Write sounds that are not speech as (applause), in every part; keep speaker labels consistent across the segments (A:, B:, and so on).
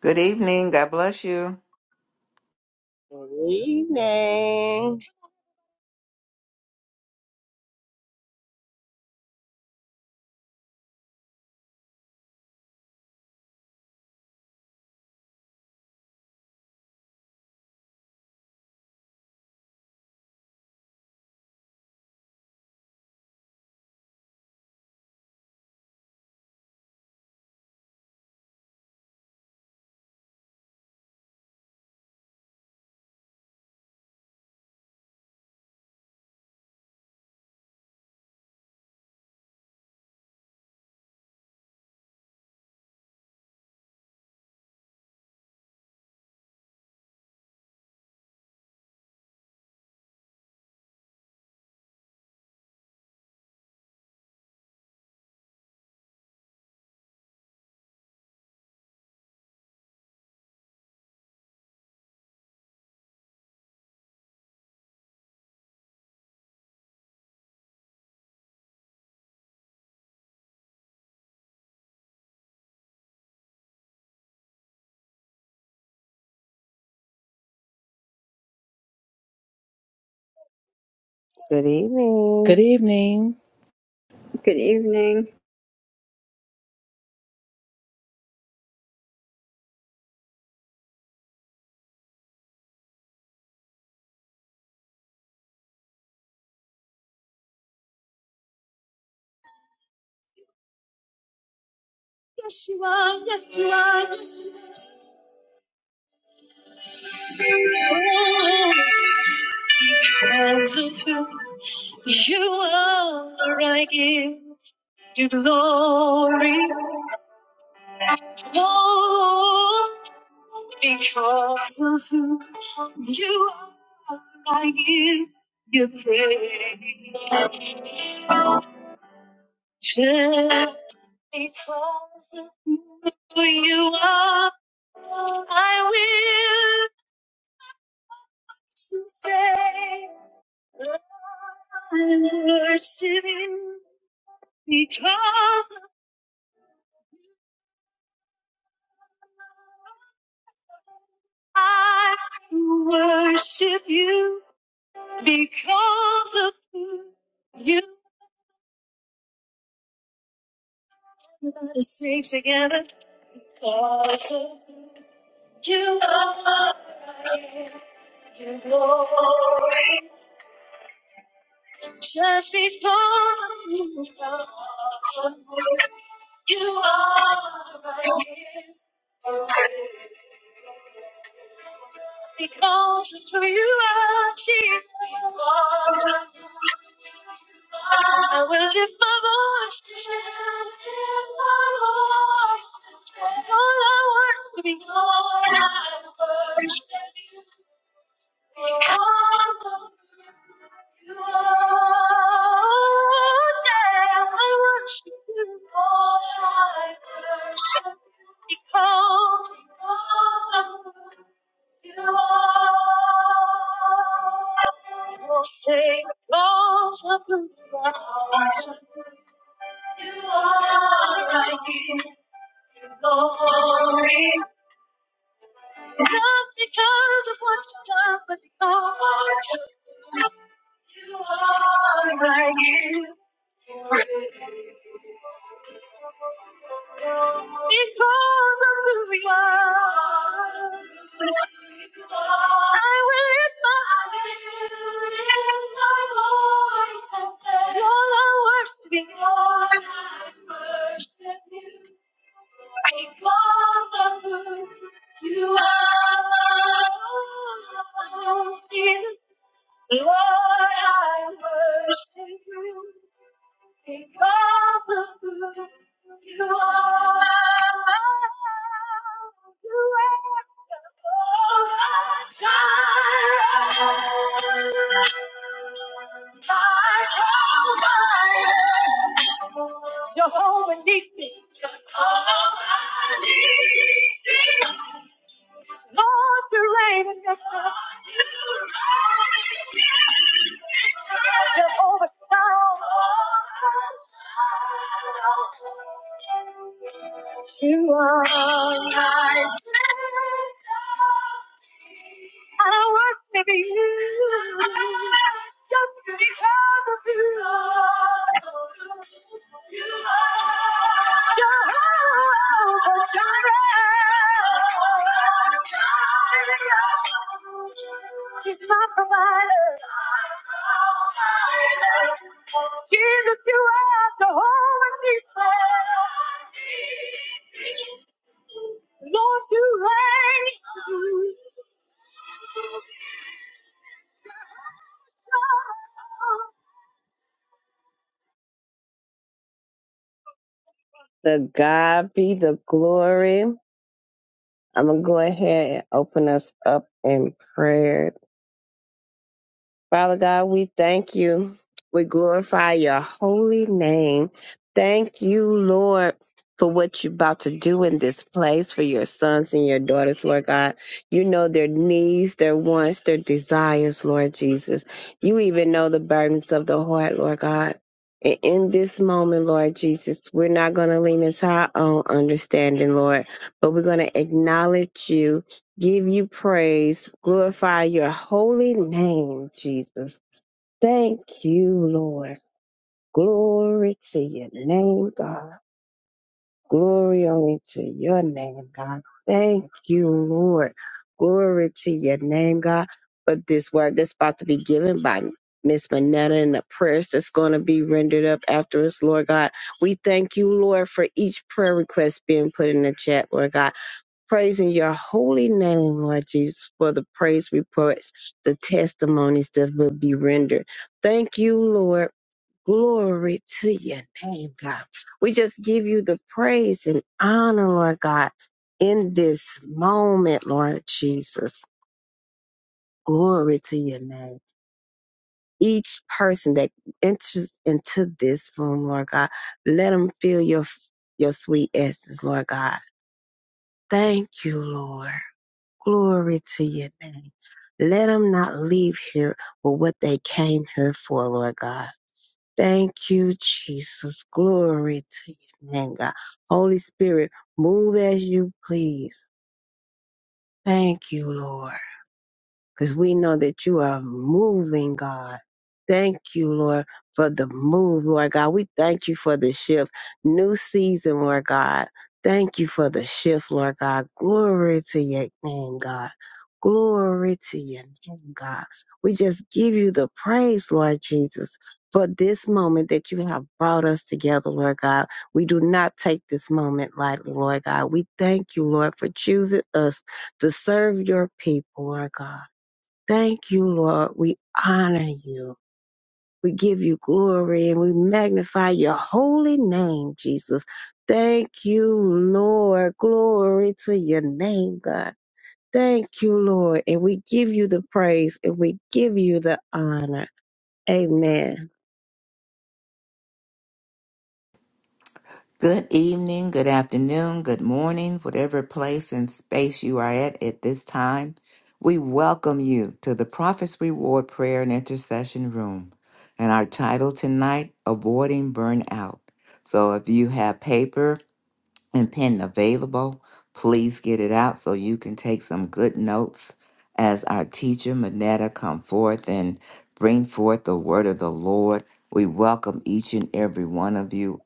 A: Good evening. God bless you.
B: Good evening. Good
C: Good
B: evening.
C: evening.
D: Good evening.
B: Yes, you are. Yes, you are. Yes, you are. You are. I give you glory. Oh, because of who you are, I give you praise. Just because of who you are, I will. sustain. I worship you because I worship you because of who you. Let us sing together because of who you are. You glory. Just because of who you are, you are right here. Because of who you are, Jesus, I will lift my voice. All I want to be, all I worship you. Because of Lord, I worship you, Lord, I worship you, because, because of who you are. Oh, say, because of who you are, I give you glory. Not because of what you've done, but because. of You are my gift. Because of who you are, I will lift my voice. and say, Lord, I worship you. Lord, I worship you. Because of who you are, Jesus. Lord, I worship you because of who you are. You are my provider. Jehovah Nissi. Jehovah Nissi. Jehovah Shalom. You are my I worship you just because of you. You are Jehovah Jireh. He's my provider. Jesus, you are Jehovah Nissi. Lord, you reign. The God be the glory. I'm going to go ahead and open us up in prayer. Father God, we thank you. We glorify your holy name. Thank you, Lord, for what you're about to do in this place for your sons and your daughters, Lord God. You know their needs, their wants, their desires, Lord Jesus. You even know the burdens of the heart, Lord God. And in this moment, Lord Jesus, we're not going to lean into our own understanding, Lord, but we're going to acknowledge you give you praise, glorify your holy name, Jesus. Thank you, Lord. Glory to your name, God. Glory only to your name, God. Thank you, Lord. Glory to your name, God. But this word that's about to be given by Miss Manetta and the prayers that's going to be rendered up after us, Lord God. We thank you, Lord, for each prayer request being put in the chat, Lord God praising your holy name, Lord Jesus, for the praise reports, the testimonies that will be rendered. Thank you, Lord. Glory to your name, God. We just give you the praise and honor, Lord God, in this moment, Lord Jesus. Glory to your name. Each person that enters into this room, Lord God, let them feel your, your sweet essence, Lord God. Thank you, Lord. Glory to your name. Let them not leave here with what they came here for, Lord God. Thank you, Jesus. Glory to your name, God. Holy Spirit, move as you please. Thank you, Lord because we know that you are moving, God. Thank you, Lord, for the move, Lord God. We thank you for the shift. New season, Lord God. Thank you for the shift, Lord God. Glory to your name, God. Glory to your name, God. We just give you the praise, Lord Jesus, for this moment that you have brought us together, Lord God. We do not take this moment lightly, Lord God. We thank you, Lord, for choosing us to serve your people, Lord God. Thank you, Lord. We honor you. We give you glory and we magnify your holy name, Jesus. Thank you, Lord. Glory to your name, God. Thank you, Lord. And we give you the praise and we give you the honor. Amen.
A: Good evening, good afternoon, good morning, whatever place and space you are at at this time. We welcome you to the Prophet's Reward Prayer and Intercession Room. And our title tonight, Avoiding Burnout. So if you have paper and pen available. Please get it out so you can take some good notes as our teacher Manetta come forth and bring forth the word of the Lord. We welcome each and every one of you,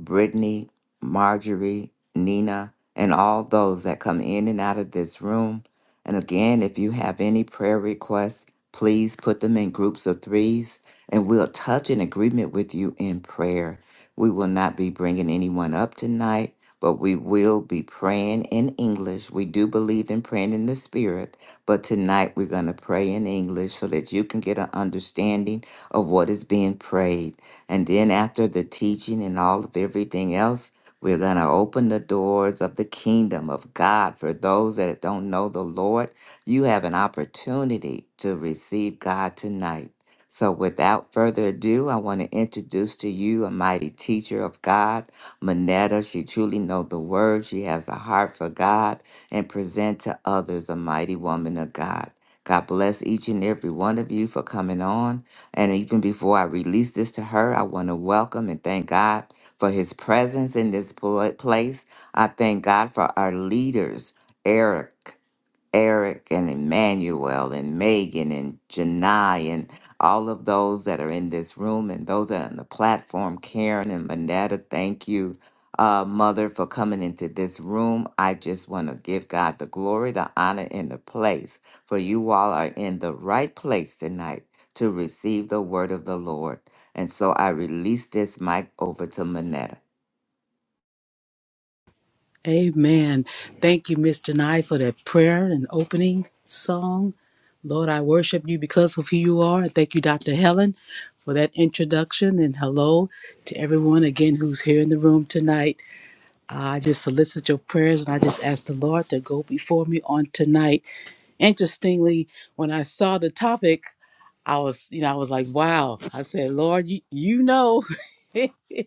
A: Brittany, Marjorie, Nina, and all those that come in and out of this room. And again, if you have any prayer requests, please put them in groups of threes and we'll touch in agreement with you in prayer. We will not be bringing anyone up tonight, but we will be praying in English. We do believe in praying in the Spirit, but tonight we're going to pray in English so that you can get an understanding of what is being prayed. And then after the teaching and all of everything else, we're going to open the doors of the kingdom of God for those that don't know the Lord. You have an opportunity to receive God tonight. So, without further ado, I want to introduce to you a mighty teacher of God, Manetta. She truly knows the word. She has a heart for God and present to others a mighty woman of God. God bless each and every one of you for coming on. And even before I release this to her, I want to welcome and thank God for his presence in this pla- place. I thank God for our leaders, Eric. Eric and Emmanuel and Megan and Janai and all of those that are in this room and those that are on the platform, Karen and Manetta, thank you, uh, Mother, for coming into this room. I just want to give God the glory, the honor, and the place, for you all are in the right place tonight to receive the word of the Lord. And so I release this mic over to Manetta.
C: Amen. Thank you, Mr. Nye, for that prayer and opening song. Lord, I worship you because of who you are. And Thank you, Dr. Helen, for that introduction. And hello to everyone again who's here in the room tonight. I just solicit your prayers and I just ask the Lord to go before me on tonight. Interestingly, when I saw the topic, I was, you know, I was like, wow. I said, Lord, you, you know. (laughs)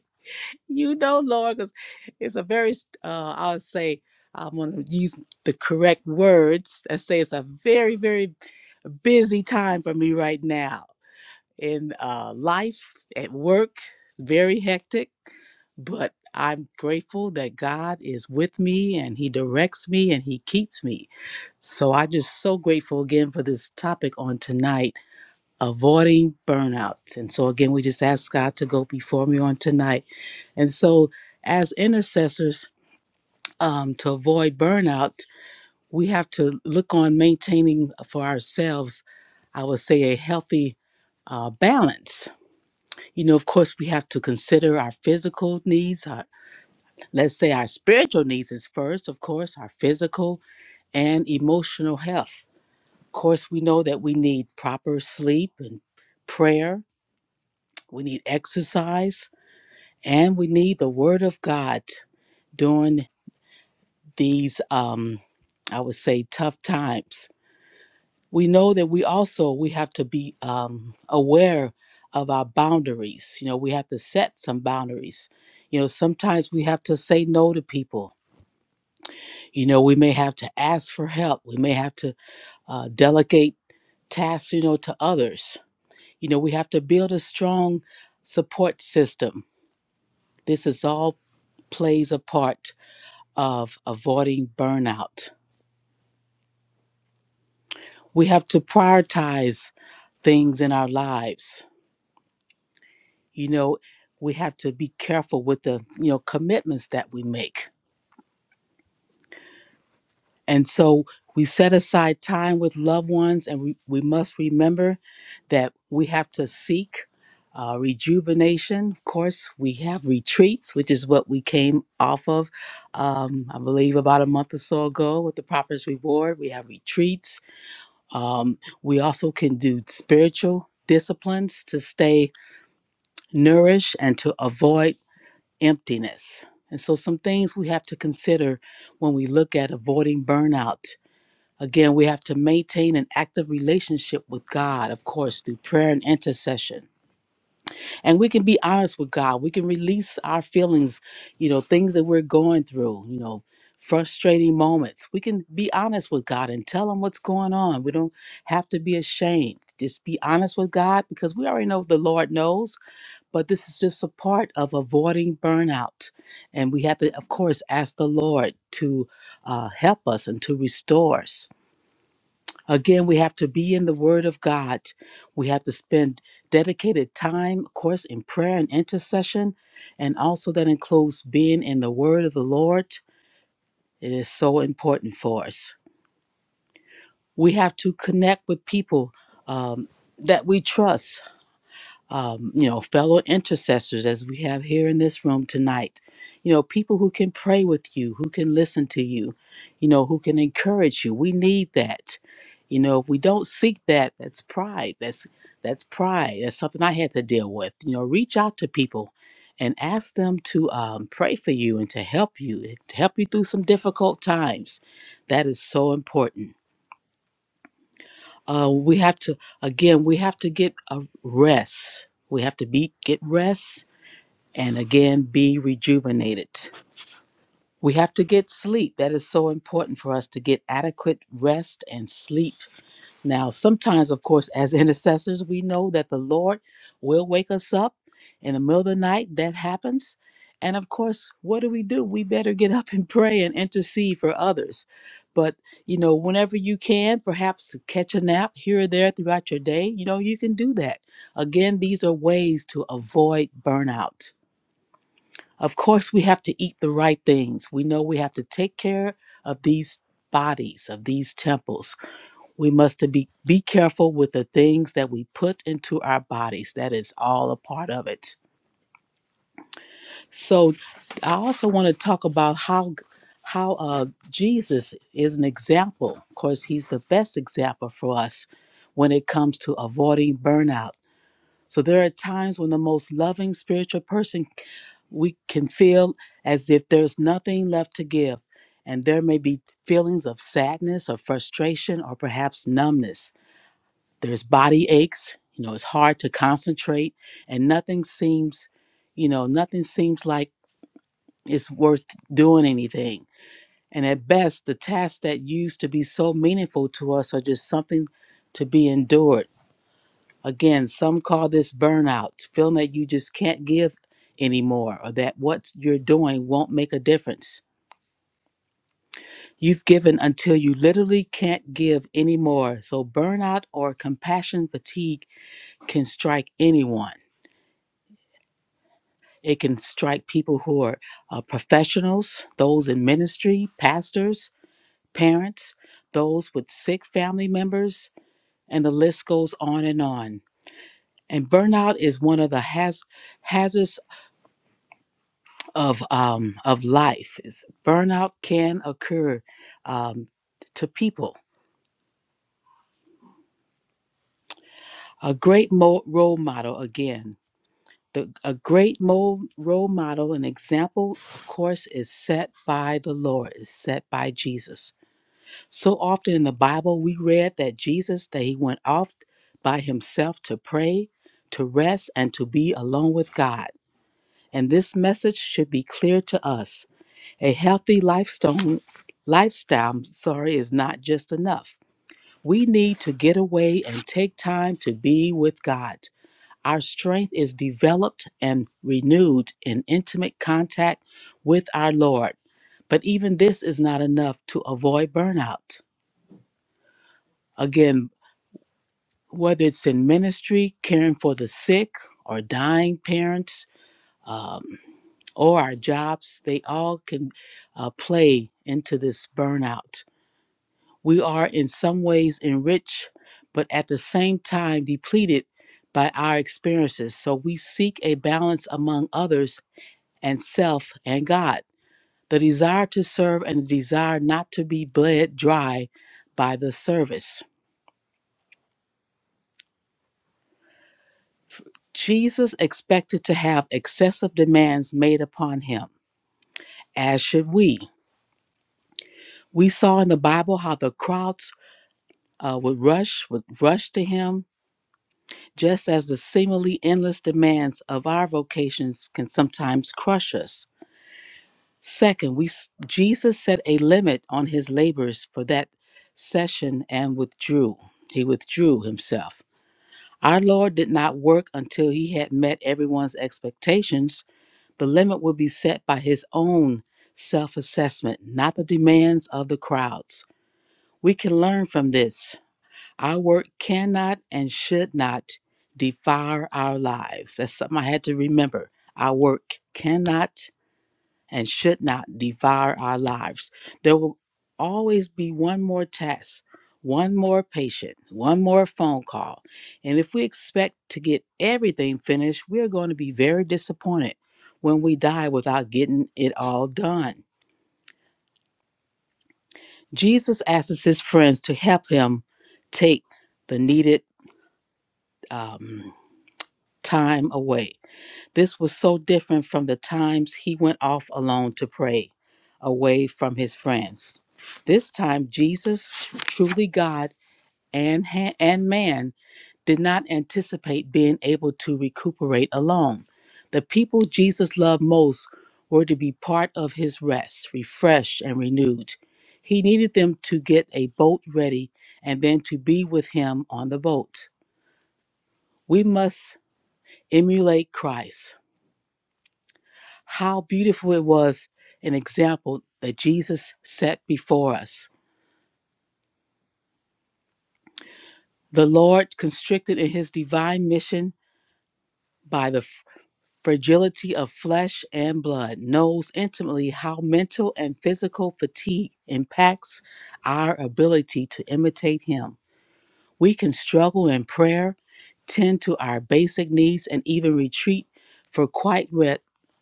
C: you know, Lord, because it's a very, uh, I'll say, I'm going to use the correct words and say it's a very, very busy time for me right now in uh, life, at work, very hectic, but I'm grateful that God is with me and He directs me and He keeps me. So I'm just so grateful again for this topic on tonight. Avoiding burnout. And so, again, we just ask God to go before me on tonight and so, as intercessors, um, to avoid burnout, we have to look on maintaining for ourselves, I would say, a healthy uh, balance. You know, of course, we have to consider our physical needs. Our, let's say our spiritual needs is first, of course, our physical and emotional health. Of course, we know that we need proper sleep and prayer, we need exercise, and we need the Word of God during these um i would say tough times we know that we also we have to be um aware of our boundaries you know we have to set some boundaries you know sometimes we have to say no to people you know we may have to ask for help we may have to uh, delegate tasks you know to others you know we have to build a strong support system this is all plays a part of avoiding burnout We have to prioritize things in our lives. You know, we have to be careful with the, you know, commitments that we make. And so we set aside time with loved ones and we, we must remember that we have to seek uh, rejuvenation. Of course, we have retreats, which is what we came off of, um, I believe, about a month or so ago with the Prophet's Reward. We have retreats. Um, we also can do spiritual disciplines to stay nourish and to avoid emptiness. And so, some things we have to consider when we look at avoiding burnout. Again, we have to maintain an active relationship with God, of course, through prayer and intercession. And we can be honest with God. We can release our feelings, you know, things that we're going through, you know, frustrating moments. We can be honest with God and tell Him what's going on. We don't have to be ashamed. Just be honest with God because we already know the Lord knows but this is just a part of avoiding burnout. And we have to, of course, ask the Lord to uh, help us and to restore us. Again, we have to be in the Word of God. We have to spend dedicated time, of course, in prayer and intercession. And also, that includes being in the Word of the Lord. It is so important for us. We have to connect with people um, that we trust um, you know, fellow intercessors, as we have here in this room tonight, you know, people who can pray with you, who can listen to you, you know, who can encourage you. We need that. You know, if we don't seek that, that's pride. That's that's pride. That's something I had to deal with. You know, reach out to people and ask them to um, pray for you and to help you, to help you through some difficult times. That is so important uh, we have to again we have to get a rest we have to be get rest and again be rejuvenated we have to get sleep that is so important for us to get adequate rest and sleep now, sometimes, of course, as (laughs) intercessors, we know that the Lord will wake us up in the middle of the night. That happens. And of course, what do we do? We better get (laughs) up and pray and intercede for others. But, you know, whenever you can, perhaps catch a nap here or there throughout your day, you know, you can do that. Again, these are ways to avoid burnout. Of course, we have to eat the right things. We know we have to take care of these bodies, of these temples we must to be, be careful with the things that we put into our bodies. That is all a part of it. So I also want to talk about how how uh, Jesus is an example. Of course, he's the best example for us when it comes to avoiding burnout. So there are times when the most loving spiritual person we can feel as if there's nothing left to give. And there may be feelings of sadness or frustration or perhaps numbness there's body aches you know it's hard to concentrate and nothing seems you know nothing seems like it's worth doing anything and at best the tasks that used to be so meaningful to us are just something to be endured again some call this burnout feeling that you just can't give anymore or that what you're doing won't make a difference you've given until you literally can't give anymore so burnout or compassion fatigue can strike anyone It can strike people who are uh, professionals, those in ministry, pastors, parents, those with sick family members, and the list goes on and on. And burnout is one of the haz- hazards of um, of life. It's, burnout can occur um, to people. A great mo- role model, again, the, a great mo- role model, an example, of course, is set by the Lord, is set by Jesus So often in the Bible, we read that Jesus, that he went off by himself to pray, to rest, and to be alone with God. And this message should be clear to us. A healthy lifestyle, lifestyle I'm sorry, is not just enough. We need to get away and take time to be with God. Our strength is developed and renewed in intimate contact with our Lord. But even this is not enough to avoid burnout. Again, whether it's in ministry, caring for the sick or dying parents, um, or our jobs, they all can uh, play into this burnout. We are in some ways enriched, but at the same time depleted by our experiences. So we seek a balance among others and self and God. The desire to serve and the desire not to be bled dry by the service. Jesus expected to have excessive demands made upon him, as should we. We saw in the Bible how the crowds uh, would rush would rush to him, just as the seemingly endless demands of our vocations can sometimes crush us. Second, we s- Jesus set a limit on his labors for that session and withdrew. He withdrew himself. Our Lord did not work until he had met everyone's expectations The limit will be set by his own self assessment, not the demands of the crowds. We can learn from this. Our work cannot and should not devour our lives. That's something I had to remember. Our work cannot and should not devour our lives. There will always be one more test, one more patient, one more phone call. And if we expect to get everything finished, we're going to be very disappointed when we die without getting it all done. Jesus asks his friends to help him take the needed um, time away This was so different from the times he went off alone to pray, away from his friends. This time, Jesus, truly God and, ha- and man, did not anticipate being able to recuperate alone. The people Jesus loved most were to be part of his rest, refreshed, and renewed. He needed them to get a boat ready and then to be with him on the boat. We must emulate Christ. How beautiful it was an example that Jesus set before us. The Lord constricted in his divine mission by the f- fragility of flesh and blood knows intimately how mental and physical fatigue impacts our ability to imitate him. We can struggle in prayer, tend to our basic needs, and even retreat for quiet, re-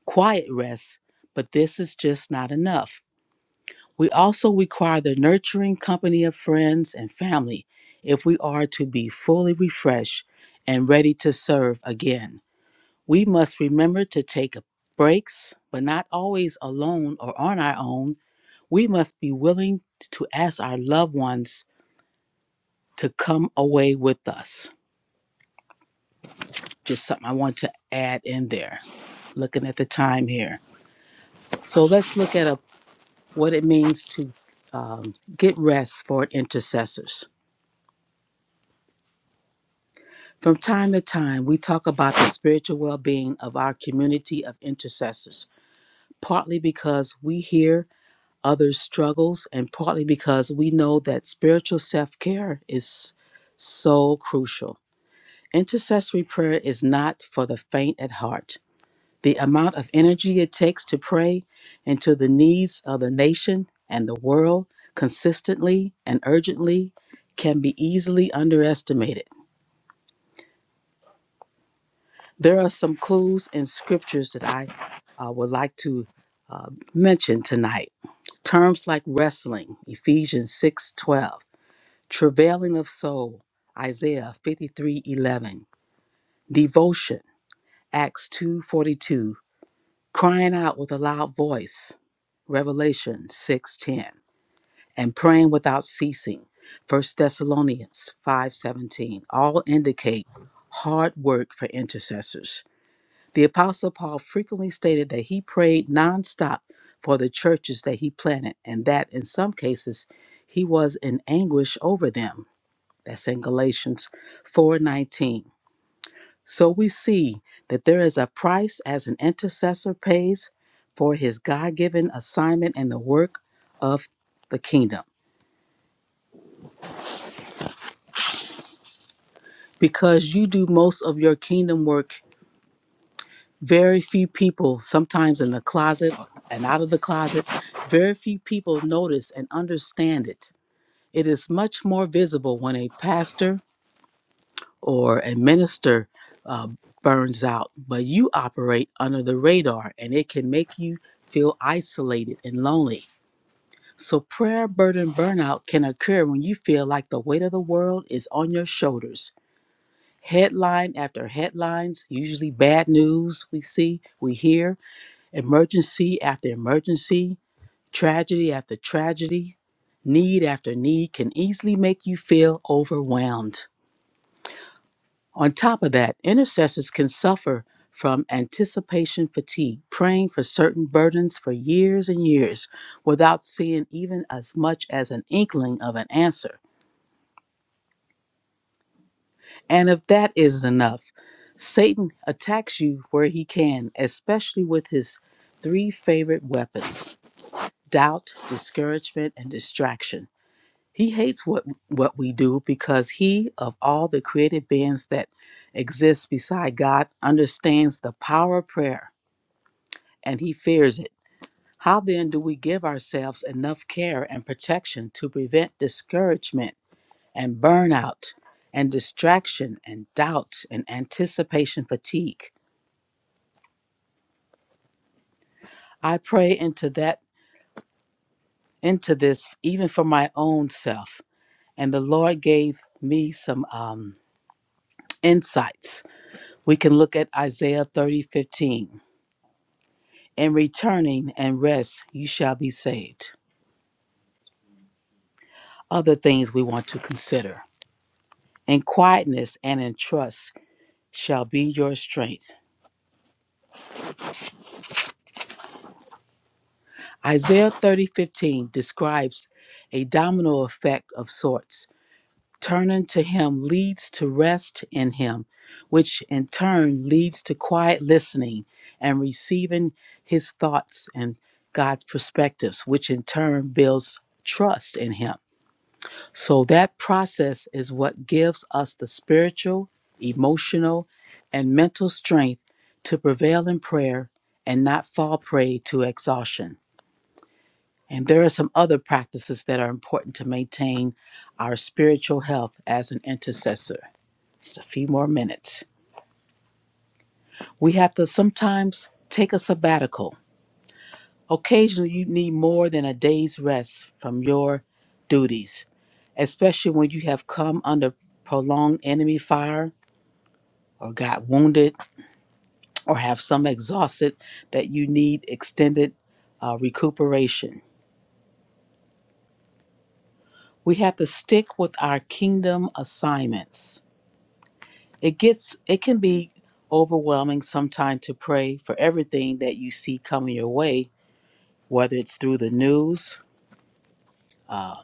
C: quiet rest, but this is just not enough. We also require the nurturing company of friends and family if we are to be fully refreshed and ready to serve again. We must remember to take breaks, but not always alone or on our own. We must be willing to ask our loved ones to come away with us. Just something I want to add in there, looking at the time here. So let's look at a, what it means to um, get rest for intercessors. From time to time, we talk about the spiritual well being of our community of intercessors, partly because we hear others' struggles, and partly because we know that spiritual self care is so crucial. Intercessory prayer is not for the faint at heart. The amount of energy it takes to pray into the needs of the nation and the world consistently and urgently can be easily underestimated. There are some clues and scriptures that I uh, would like to uh, mention tonight. Terms like wrestling, Ephesians 6:12; travailing of soul, Isaiah 53:11; devotion, Acts 2:42; crying out with a loud voice, Revelation 6:10; and praying without ceasing, 1 Thessalonians 5:17, all indicate hard work for intercessors. The Apostle Paul frequently stated that he prayed nonstop for the churches that he planted, and that in some cases he was in anguish over them. That's in Galatians 4:19. So we see that there is a price as an intercessor pays for his God-given assignment and the work of the kingdom. Because you do most of your kingdom work very few people, sometimes in the closet and out of the closet, very few people notice and understand it. It is much more visible when a pastor or a minister uh, burns out, but you operate under the radar and it can make you feel isolated and lonely. So, prayer burden burnout can occur when you feel like the weight of the world is on your shoulders. Headline after headlines, usually bad news we see, we hear, Emergency after emergency, tragedy after tragedy, need after need can easily make you feel overwhelmed. On top of that, intercessors can suffer from anticipation fatigue, praying for certain burdens for years and years without seeing even as much as an inkling of an answer. And if that isn't enough, Satan attacks you where he can, especially with his three favorite weapons doubt, discouragement, and distraction. He hates what, what we do because he, of all the created beings that exist beside God, understands the power of prayer and he fears it. How then do we give ourselves enough care and protection to prevent discouragement and burnout and distraction and doubt and anticipation fatigue? I pray into that into this even for my own self. And the Lord gave me some um, insights. We can look at Isaiah 30:15. In returning and rest, you shall be saved. Other things we want to consider. In quietness and in trust shall be your strength. Isaiah 30:15 describes a domino effect of sorts Turning to Him leads to rest in Him, which in turn leads to quiet listening and receiving His thoughts and God's perspectives, which in turn builds trust in Him. So that process is what gives us the spiritual, emotional, and mental strength to prevail in prayer and not fall prey to exhaustion. And there are some other practices that are important to maintain our spiritual health as an intercessor. Just a few more minutes. We have to sometimes take a sabbatical. Occasionally, you need more than a day's rest from your duties, especially when you have come under prolonged enemy fire or got wounded or have some exhausted that you need extended uh, recuperation. We have to stick with our kingdom assignments. It gets it can be overwhelming sometimes to pray for everything that you see coming your way whether it's through the news, uh,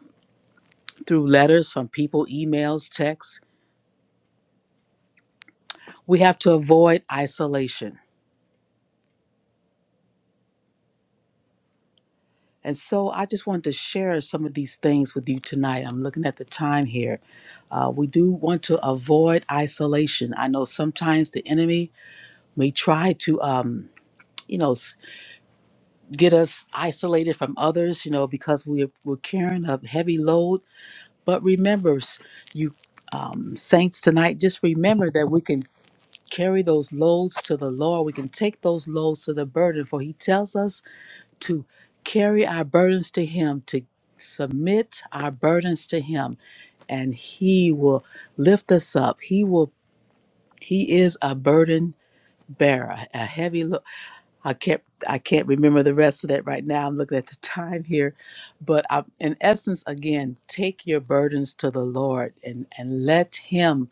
C: through letters from people, emails, texts. We have to avoid isolation. And so I just wanted to share some of these things with you tonight. I'm looking at the time here. Uh, we do want to avoid isolation. I know sometimes the enemy may try to, um, you know, s- get us isolated from others, you know, because we're, we're carrying a heavy load. But remember, s- you um, saints tonight, just remember that we can carry those loads to the Lord. We can take those loads to the burden, for He tells us to carry our burdens to Him, to submit our burdens to Him, and He will lift us up. He will. He is a burden bearer, a heavy load. I can't. I can't remember the rest of that right now. I'm looking at the time here, but I, in essence, again, take your burdens to the Lord and and let Him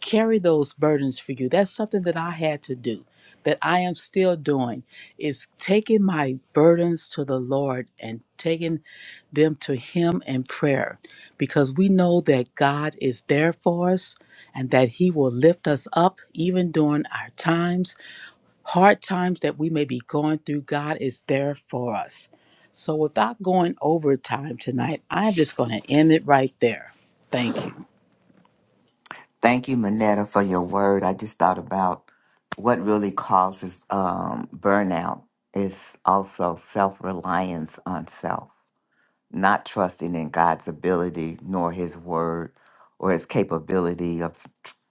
C: carry those burdens for you. That's something that I had to do, that I am still doing, is taking my burdens to the Lord and taking them to Him in prayer because we know that God is there for us and that He will lift us up even during our times, hard times that we may be going through. God is there for us. So, without going over time tonight, I'm just going to end it right there. Thank you.
A: Thank you, Manetta, for your word. I just thought about what really causes um, burnout is also self reliance on self not trusting in God's ability nor His word or His capability of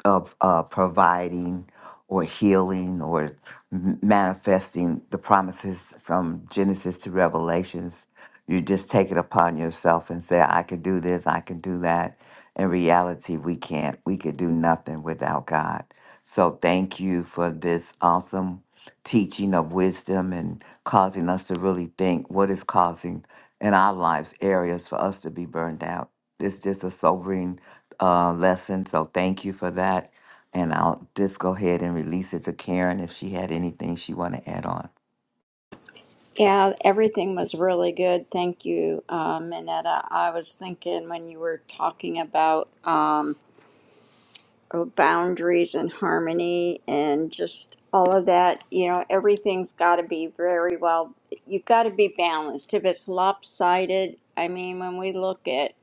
A: of uh, providing or healing or m- manifesting the promises from Genesis to Revelations. You just take it upon yourself and say, "I can do this. I can do that." In reality, we can't. We could do nothing without God. So, thank you for this awesome teaching of wisdom and causing us to really think what is causing in our lives areas for us to be burned out. It's just a sobering uh, lesson. So thank you for that. And I'll just go ahead and release it to Karen if she had anything she want to add on.
D: Yeah, everything was really good. Thank you, uh, Minetta. I was thinking when you were talking about um, oh, boundaries and harmony and just all of that, you know, everything's got to be very well, you've got to be balanced. If it's lopsided, I mean, when we look at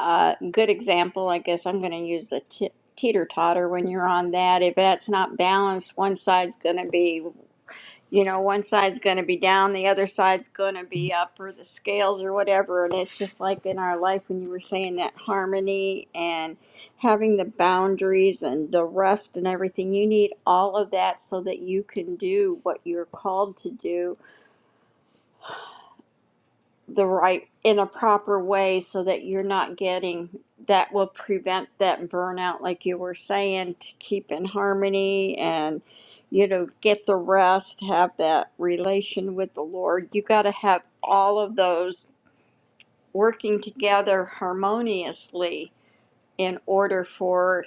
D: a uh, good example, I guess I'm going to use the t- teeter totter when you're on that. If that's not balanced, one side's going to be you know, one side's going to be down, the other side's going to be up, or the scales, or whatever. And it's just like in our life when you were saying that harmony and having the boundaries and the rest and everything. You need all of that so that you can do what you're called to do the right in a proper way so that you're not getting that will prevent that burnout like you were saying to keep in harmony and you know get the rest have that relation with the lord you got to have all of those working together harmoniously in order for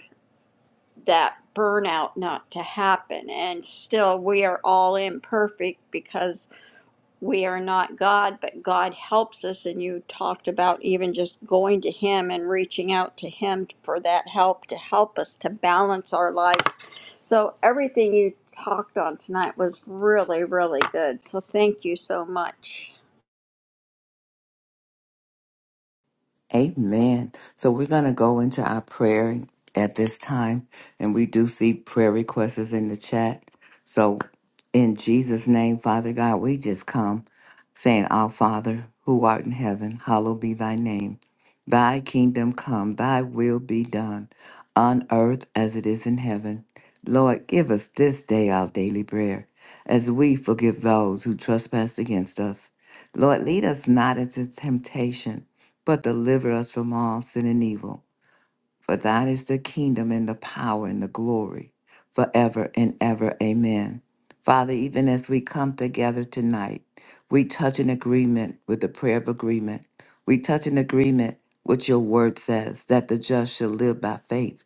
D: that burnout not to happen and still we are all imperfect because we are not God, but God helps us. And you talked about even just going to Him and reaching out to Him for that help to help us to balance our lives. So, everything you talked on tonight was really, really good. So, thank you so much.
A: Amen. So we're going to go into our prayer at this time, and we do see prayer requests is in the chat. So in Jesus' name, Father God, we just come saying, Our Father, who art in heaven, hallowed be thy name. Thy kingdom come, thy will be done on earth as it is in heaven. Lord, give us this day our daily bread, as we forgive those who trespass against us. Lord, lead us not into temptation but deliver us from all sin and evil. For thine is the kingdom and the power and the glory forever and ever. Amen. Father, even as we come together tonight, we touch an agreement with the prayer of agreement. We touch an agreement, which your word says, that the just shall live by faith.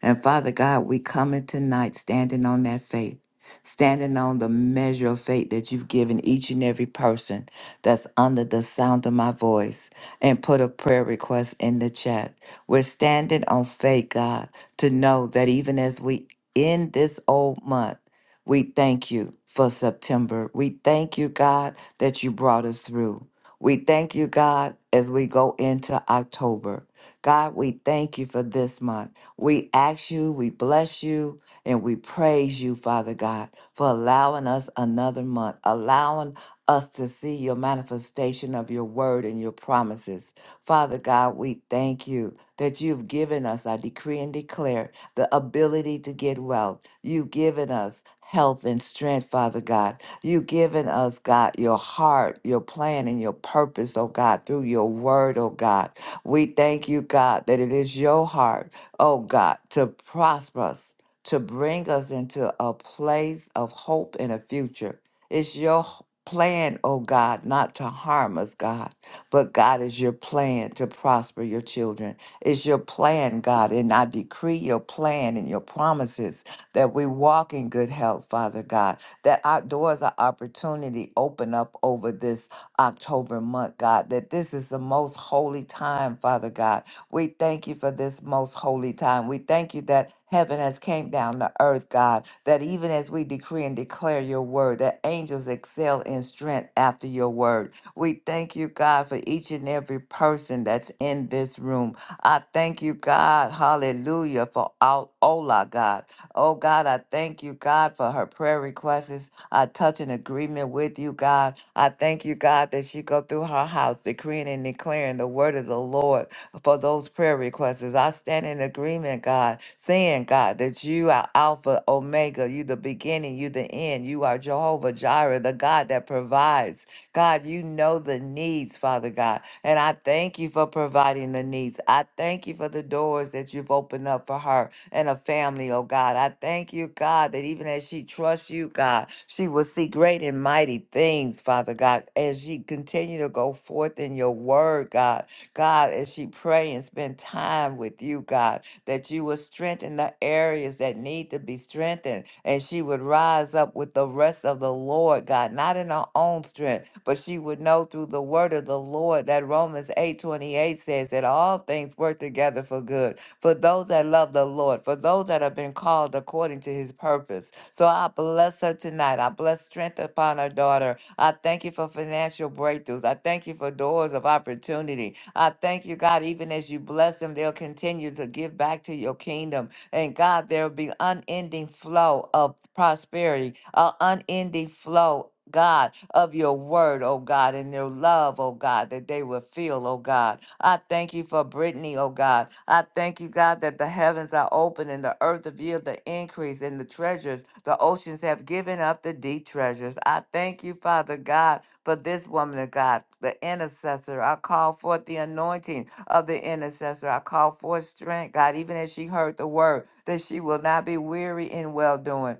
A: And Father God, we coming tonight standing on that faith, standing on the measure of faith that you've given each and every person that's under the sound of my voice and put a prayer request in the chat. We're standing on faith, God, to know that even as we end this old month, we thank you for September. We thank you, God, that you brought us through. We thank you, God, as we go into October. God, we thank you for this month. We ask you, we bless you, and we praise you, Father God, for allowing us another month, allowing us to see your manifestation of your word and your promises. Father God, we thank you that you've given us, I decree and declare, the ability to get well. You've given us health and strength, Father God. You've given us, God, your heart, your plan, and your purpose, oh God, through your word, oh God. We thank you, God, that it is your heart, oh God, to prosper us, to bring us into a place of hope and a future. It's your h- plan, oh God, not to harm us, God, but God is your plan to prosper your children. It's your plan, God, and I decree your plan and your promises that we walk in good health, Father God, that our doors of opportunity open up over this October month, God, that this is the most holy time, Father God. We thank you for this most holy time. We thank you that heaven has came down to earth, God, that even as we decree and declare your word, that angels excel in strength after your word. We thank you, God, for each and every person that's in this room. I thank you, God, hallelujah, for all Ola, God. Oh, God, I thank you, God, for her prayer requests. I touch an agreement with you, God. I thank you, God, that she go through her house decreeing and declaring the word of the Lord for those prayer requests. As I stand in agreement, God, saying, God, that you are Alpha, Omega, you the beginning, you the end. You are Jehovah Jireh, the God that provides. God, you know the needs, Father God. And I thank you for providing the needs. I thank you for the doors that you've opened up for her and her family, oh God. I thank you, God, that even as she trusts you, God, she will see great and mighty things, Father God, as she continue to go forth in your word, God. God, as she pray and spend time with you, God, that you will strengthen the areas that need to be strengthened, and she would rise up with the rest of the Lord, God, not in her own strength, but she would know through the word of the Lord that Romans eight twenty eight says that all things work together for good for those that love the Lord, for those that have been called according to his purpose. So I bless her tonight. I bless strength upon her daughter. I thank you for financial breakthroughs. I thank you for doors of opportunity. I thank you, God, even as you bless them, they'll continue to give back to your kingdom. And God, there will be unending flow of prosperity, an unending flow. God, of your word, oh God, and your love, oh God, that they will feel, oh God. I thank you for Brittany, oh God. I thank you, God, that the heavens are open and the earth have yield the increase and the treasures. The oceans have given up the deep treasures. I thank you, Father God, for this woman of God, the intercessor. I call forth the anointing of the intercessor. I call forth strength, God, even as she heard the word, that she will not be weary in well doing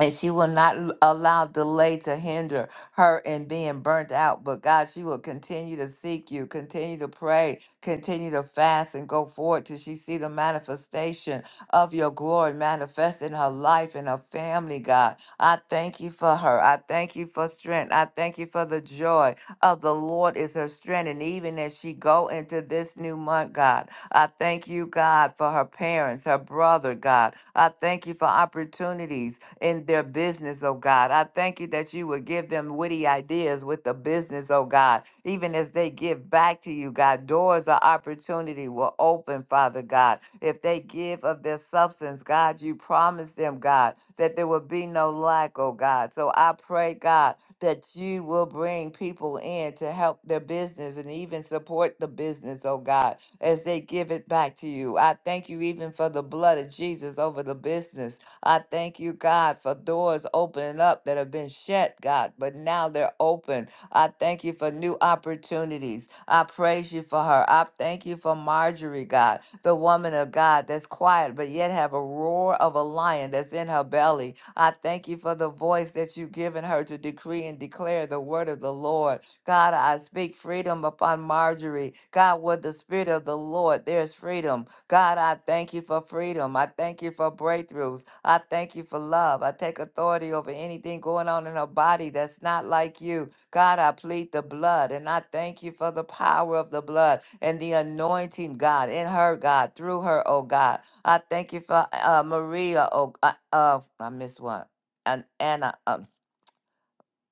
A: and she will not l- allow delay to hinder her in being burnt out. But God, she will continue to seek you, continue to pray, continue to fast, and go forward till she see the manifestation of your glory manifest in her life and her family. God, I thank you for her. I thank you for strength. I thank you for the joy of the Lord is her strength. And even as she go into this new month, God, I thank you, God, for her parents, her brother, God. I thank you for opportunities in their business, oh God. I thank you that you would give them witty ideas with the business, oh God. Even as they give back to you, God, doors of opportunity will open, Father God. If they give of their substance, God, you promised them, God, that there will be no lack, oh God. So I pray, God, that you will bring people in to help their business and even support the business, oh God, as they give it back to you. I thank you even for the blood of Jesus over the business I thank you, God, for doors opening up that have been shut, God, but now they're open. I thank you for new opportunities. I praise you for her. I thank you for Marjorie, God, the woman of God that's quiet, but yet have a roar of a lion that's in her belly. I thank you for the voice that you've given her to decree and declare the word of the Lord. God, I speak freedom upon Marjorie. God, with the spirit of the Lord, there's freedom. God, I thank you for freedom. I thank you for breakthroughs. I thank you for love. I take authority over anything going on in her body that's not like you. God, I plead the blood and I thank you for the power of the blood and the anointing, God, in her, God, through her, oh God. I thank you for uh, Maria, oh, uh, uh, I missed one. And Anna, um.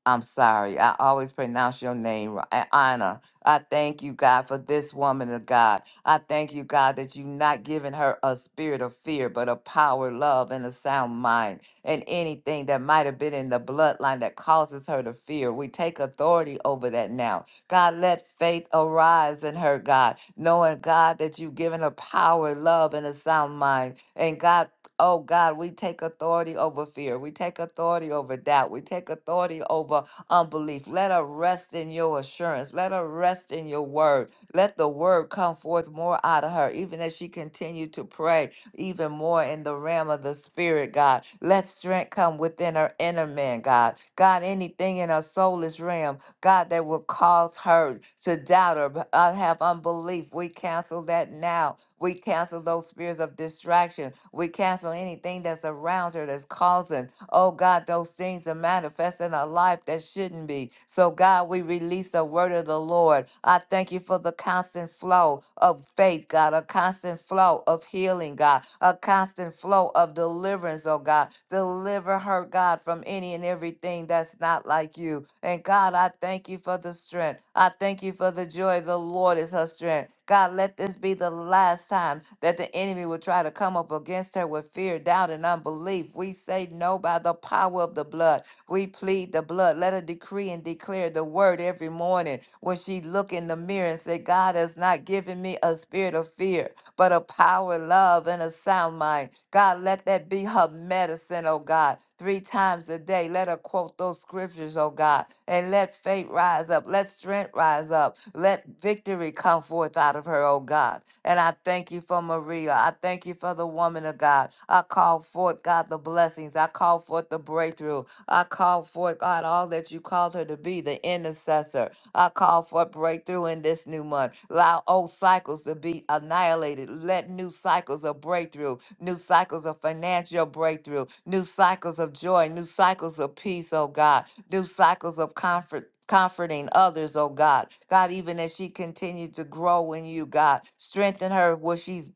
A: I'm sorry. I always pronounce your name wrong. A- Anna, I thank you, God, for this woman of God. I thank you, God, that you've not given her a spirit of fear, but a power, love, and a sound mind. And anything that might have been in the bloodline that causes her to fear, we take authority over that now. God, let faith arise in her, God, knowing, God, that you've given her power, love, and a sound mind. And God, Oh God, we take authority over fear. We take authority over doubt. We take authority over unbelief. Let her rest in your assurance. Let her rest in your word. Let the word come forth more out of her, even as she continued to pray even more in the realm of the spirit, God. Let strength come within her inner man, God. God, anything in her soulless realm, God, that will cause her to doubt or b- uh, have unbelief, we cancel cancel that now. We cancel those spirits of distraction. We cancel anything that's around her that's causing, oh God, those things to manifest in our life that shouldn't be. So, God, we release the word of the Lord. I thank you for the constant flow of faith, God, a constant flow of healing, God, a constant flow of deliverance, oh God. Deliver her, God, from any and everything that's not like you. And God, I thank you for the strength. I thank you for the joy. of The Lord is her strength. God, let this be the last time that the enemy will try to come up against her with fear, doubt, and unbelief. We say no by the power of the blood. We plead the blood. Let her decree and declare the word every morning when she look in the mirror and say, God has not given me a spirit of fear, but a power, love, and a sound mind. God, let that be her medicine, oh God three times a day. Let her quote those scriptures, oh God, and let faith rise up. Let strength rise up. Let victory come forth out of her, oh God. And I thank you for Maria. I thank you for the woman of God. I call forth, God, the blessings. I call forth the breakthrough. I call forth, God, all that you called her to be, the intercessor. I call for breakthrough in this new month. Allow old cycles to be annihilated. Let new cycles of breakthrough new cycles of financial breakthrough, new cycles of joy, new cycles of peace, oh God, new cycles of comfort. Comforting others, oh God. God, even as she continues to grow in you, God, strengthen her where she's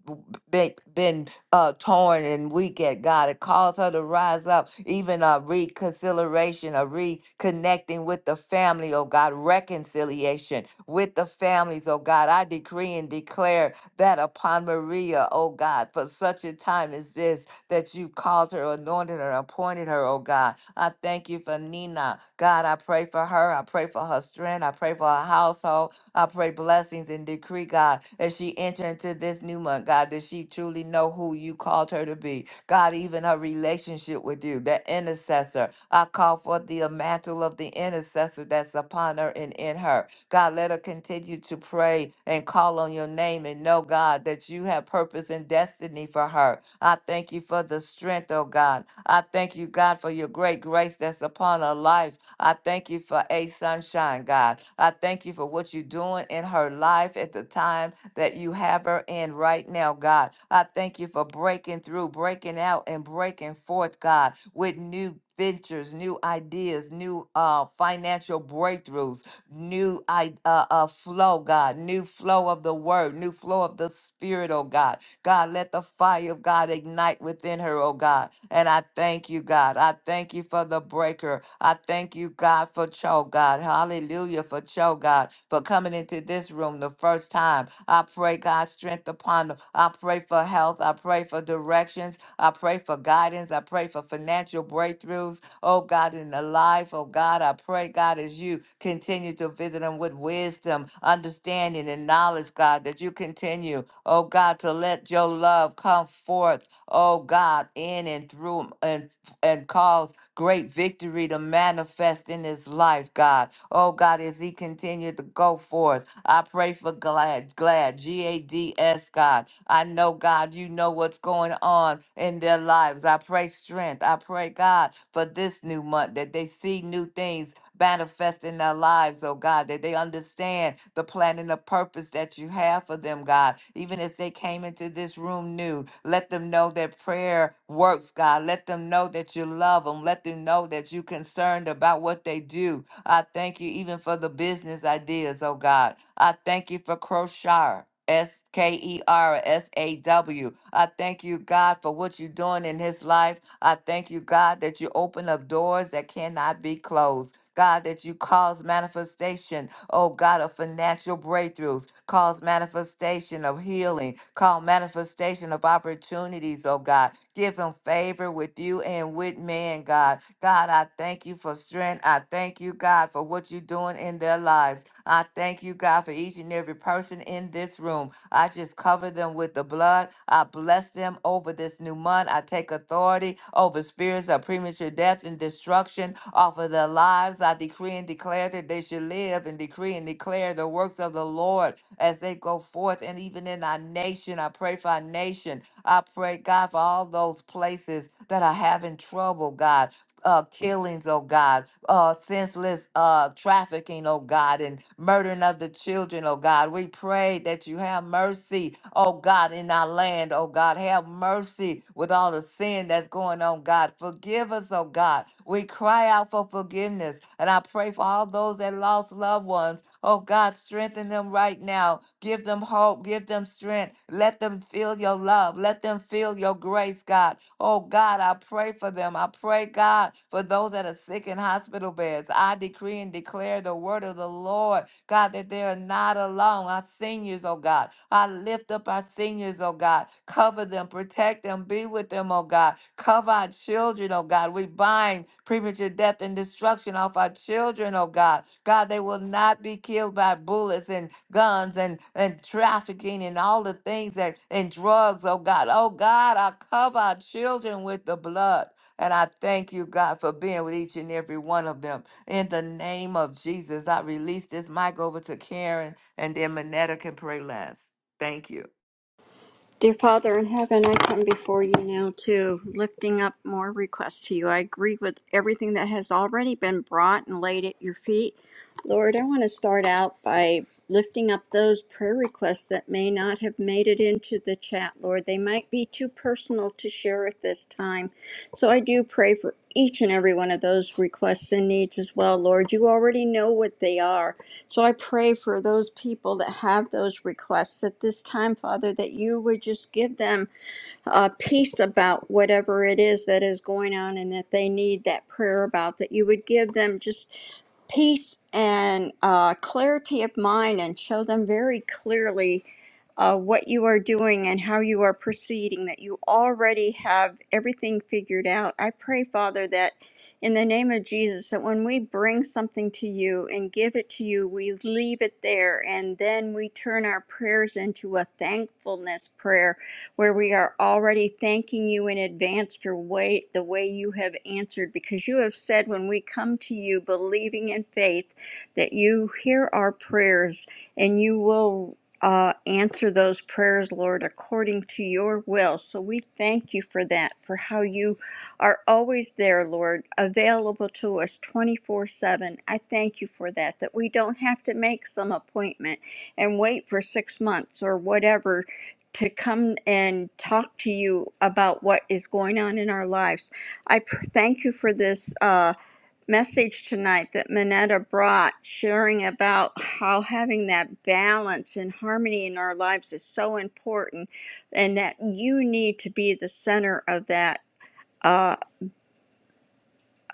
A: been, been uh, torn and weak at God. It calls her to rise up, even a reconciliation, a reconnecting with the family, oh God, reconciliation with the families, oh God. I decree and declare that upon Maria, O God, for such a time as this, that you called her, anointed her, appointed her, O God. I thank you for Nina. God, I pray for her. I pray for her strength. I pray for her household. I pray blessings and decree, God, as she enter into this new month, God, that she truly know who you called her to be. God, even her relationship with you, that intercessor. I call for the mantle of the intercessor that's upon her and in her. God, let her continue to pray and call on your name and know, God, that you have purpose and destiny for her. I thank you for the strength, oh God. God. I thank you, God, for your great grace that's upon her life. I thank you for a sunshine, God. I thank you for what you're doing in her life at the time that you have her in right now, God. I thank you for breaking through, breaking out, and breaking forth, God, with new ventures, new ideas, new uh, financial breakthroughs, new I- uh, uh, flow, God, new flow of the word, new flow of the spirit, oh God. God, let the fire of God ignite within her, oh God. And I thank you, God. I thank you for the breaker. I thank you, God, for Cho, God. Hallelujah for Cho, God, for coming into this room the first time. I pray, God, strength upon them. I pray for health. I pray for directions. I pray for guidance. I I pray for financial breakthroughs, oh God, in the life, oh God, I pray, God, as you continue to visit them with wisdom, understanding, and knowledge, God, that you continue, oh God, to let your love come forth, oh God, in and through 'em and and cause great victory to manifest in his life, God. Oh God, as he continued to go forth. I pray for Glad, Glad, G A D S, God. I know, God, you know what's going on in their lives. I pray strength. I pray, God, for this new month that they see new things manifest in their lives, oh God, that they understand the plan and the purpose that you have for them, God. Even as they came into this room new, let them know that prayer works, God. Let them know that you love them. Let them know that you're concerned about what they do I thank you even for the business ideas, oh God. I thank you for Crochet. S K E R S A W. I thank you, God, for what you're doing in his life. I thank you, God, that you open up doors that cannot be closed. God, that you cause manifestation, oh God, of financial breakthroughs, cause manifestation of healing, call manifestation of opportunities, oh God. Give him favor with you and with man, God. God, I thank you for strength. I thank you, God, for what you're doing in their lives lives. I thank you, God, for each and every person in this room. I just cover them with the blood. I bless them over this new month. I take authority over spirits of premature death and destruction off of their lives. I decree and declare that they should live and decree and declare the works of the Lord as they go forth and even in our nation. I pray for our nation. I pray, God, for all those places that are having trouble, God uh, killings, oh God, uh, senseless uh, trafficking, oh God, and murdering of the children, oh God. We pray that you have mercy, oh God, in our land, oh God. Have mercy with all the sin that's going on, God. Forgive us, oh God. We cry out for forgiveness. And I pray for all those that lost loved ones. Oh God, strengthen them right now. Give them hope. Give them strength. Let them feel your love. Let them feel your grace, God. Oh God, I pray for them. I pray, God, for those that are sick in hospital beds. I decree and declare the word of the Lord God, that they're not alone. Our seniors, oh God. I lift up our seniors, oh God. Cover them, protect them, be with them, oh God. Cover our children, oh God. We bind premature death and destruction off our children, oh God. God, they will not be killed by bullets and guns and, and trafficking and all the things that and drugs, oh God. Oh God, I cover our children with the blood. And I thank you, God, for being with each and every one of them. In the name of Jesus, I release this mic over to Karen and then Manetta can pray last. Thank you.
D: Dear Father in heaven, I come before you now too, lifting up more requests to you. I agree with everything that has already been brought and laid at your feet. Lord, I want to start out by lifting up those prayer requests that may not have made it into the chat, Lord. They might be too personal to share at this time. So I do pray for each and every one of those requests and needs as well, Lord. You already know what they are. So I pray for those people that have those requests at this time, Father, that you would just give them uh, peace about whatever it is that is going on and that they need that prayer about, that you would give them just peace and uh, clarity of mind and show them very clearly uh, what you are doing and how you are proceeding, that you already have everything figured out. I pray, Father, that in the name of Jesus, that when we bring something to you and give it to you, we leave it there and then we turn our prayers into a thankfulness prayer where we are already thanking you in advance for way, the way you have answered, because you have said when we come to you believing in faith that you hear our prayers and you will uh, answer those prayers, Lord, according to your will. So we thank you for that, for how you are always there, Lord, available to us 24 7. I thank you for that, that we don't have to make some appointment and wait for six months or whatever to come and talk to you about what is going on in our lives. I pr- thank you for this uh, message tonight that Manetta brought, sharing about how having that balance and harmony in our lives is so important, and that you need to be the center of that. uh,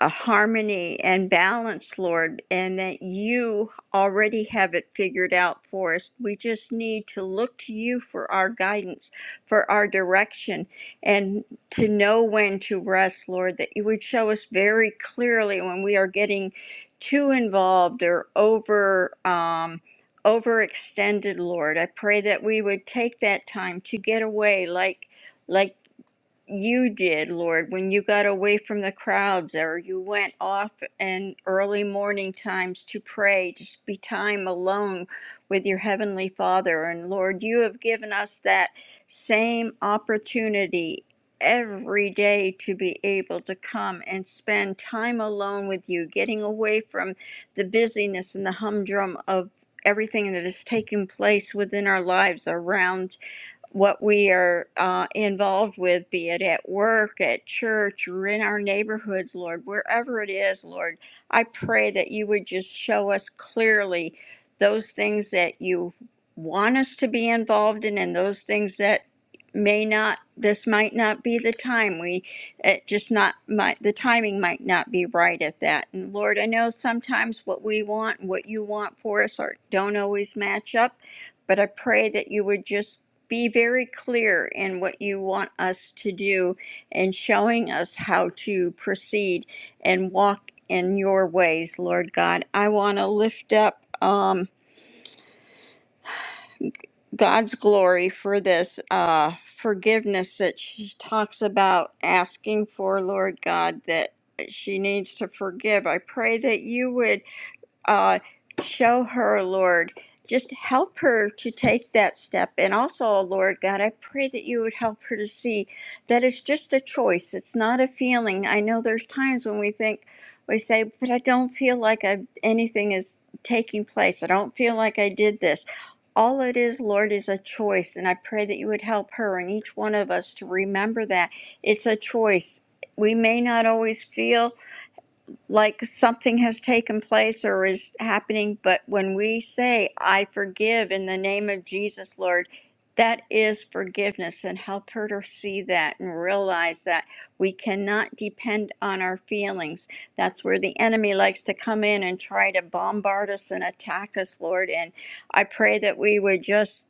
D: a harmony and balance, Lord, and that you already have it figured out for us. We just need to look to you for our guidance, for our direction, and to know when to rest, Lord, that you would show us very clearly when we are getting too involved or over. Um, overextended lord i pray that we would take that time to get away like like you did, Lord, when you got away from the crowds or you went off in early morning times to pray, just be time alone with your Heavenly Father. And Lord, you have given us that same opportunity every day to be able to come and spend time alone with you, getting away from the busyness and the humdrum of everything that is taking place within our lives around what we are uh, involved with, be it at work, at church, or in our neighborhoods, Lord, wherever it is, Lord, I pray that you would just show us clearly those things that you want us to be involved in and those things that may not this might not be the time we it just not might the timing might not be right at that and lord i know sometimes what we want and what you want for us are don't always match up but i pray that you would just be very clear in what you want us to do and showing us how to proceed and walk in your ways, Lord God. I want to lift up um, God's glory for this uh, forgiveness that she talks about asking for, Lord God, that she needs to forgive. I pray that you would uh, show her, Lord, just help her to take that step. And also, oh Lord God, I pray that you would help her to see that it's just a choice. It's not a feeling. I know there's times when we think, we say, but I don't feel like I've, anything is taking place. I don't feel like I did this. All it is, Lord, is a choice. And I pray that you would help her and each one of us to remember that it's a choice. We may not always feel like something has taken place or is happening. But when we say, I forgive in the name of Jesus, Lord, that is forgiveness and help her to see that and realize that we cannot depend on our feelings. That's where the enemy likes to come in and try to bombard us and attack us, Lord. And I pray that we would just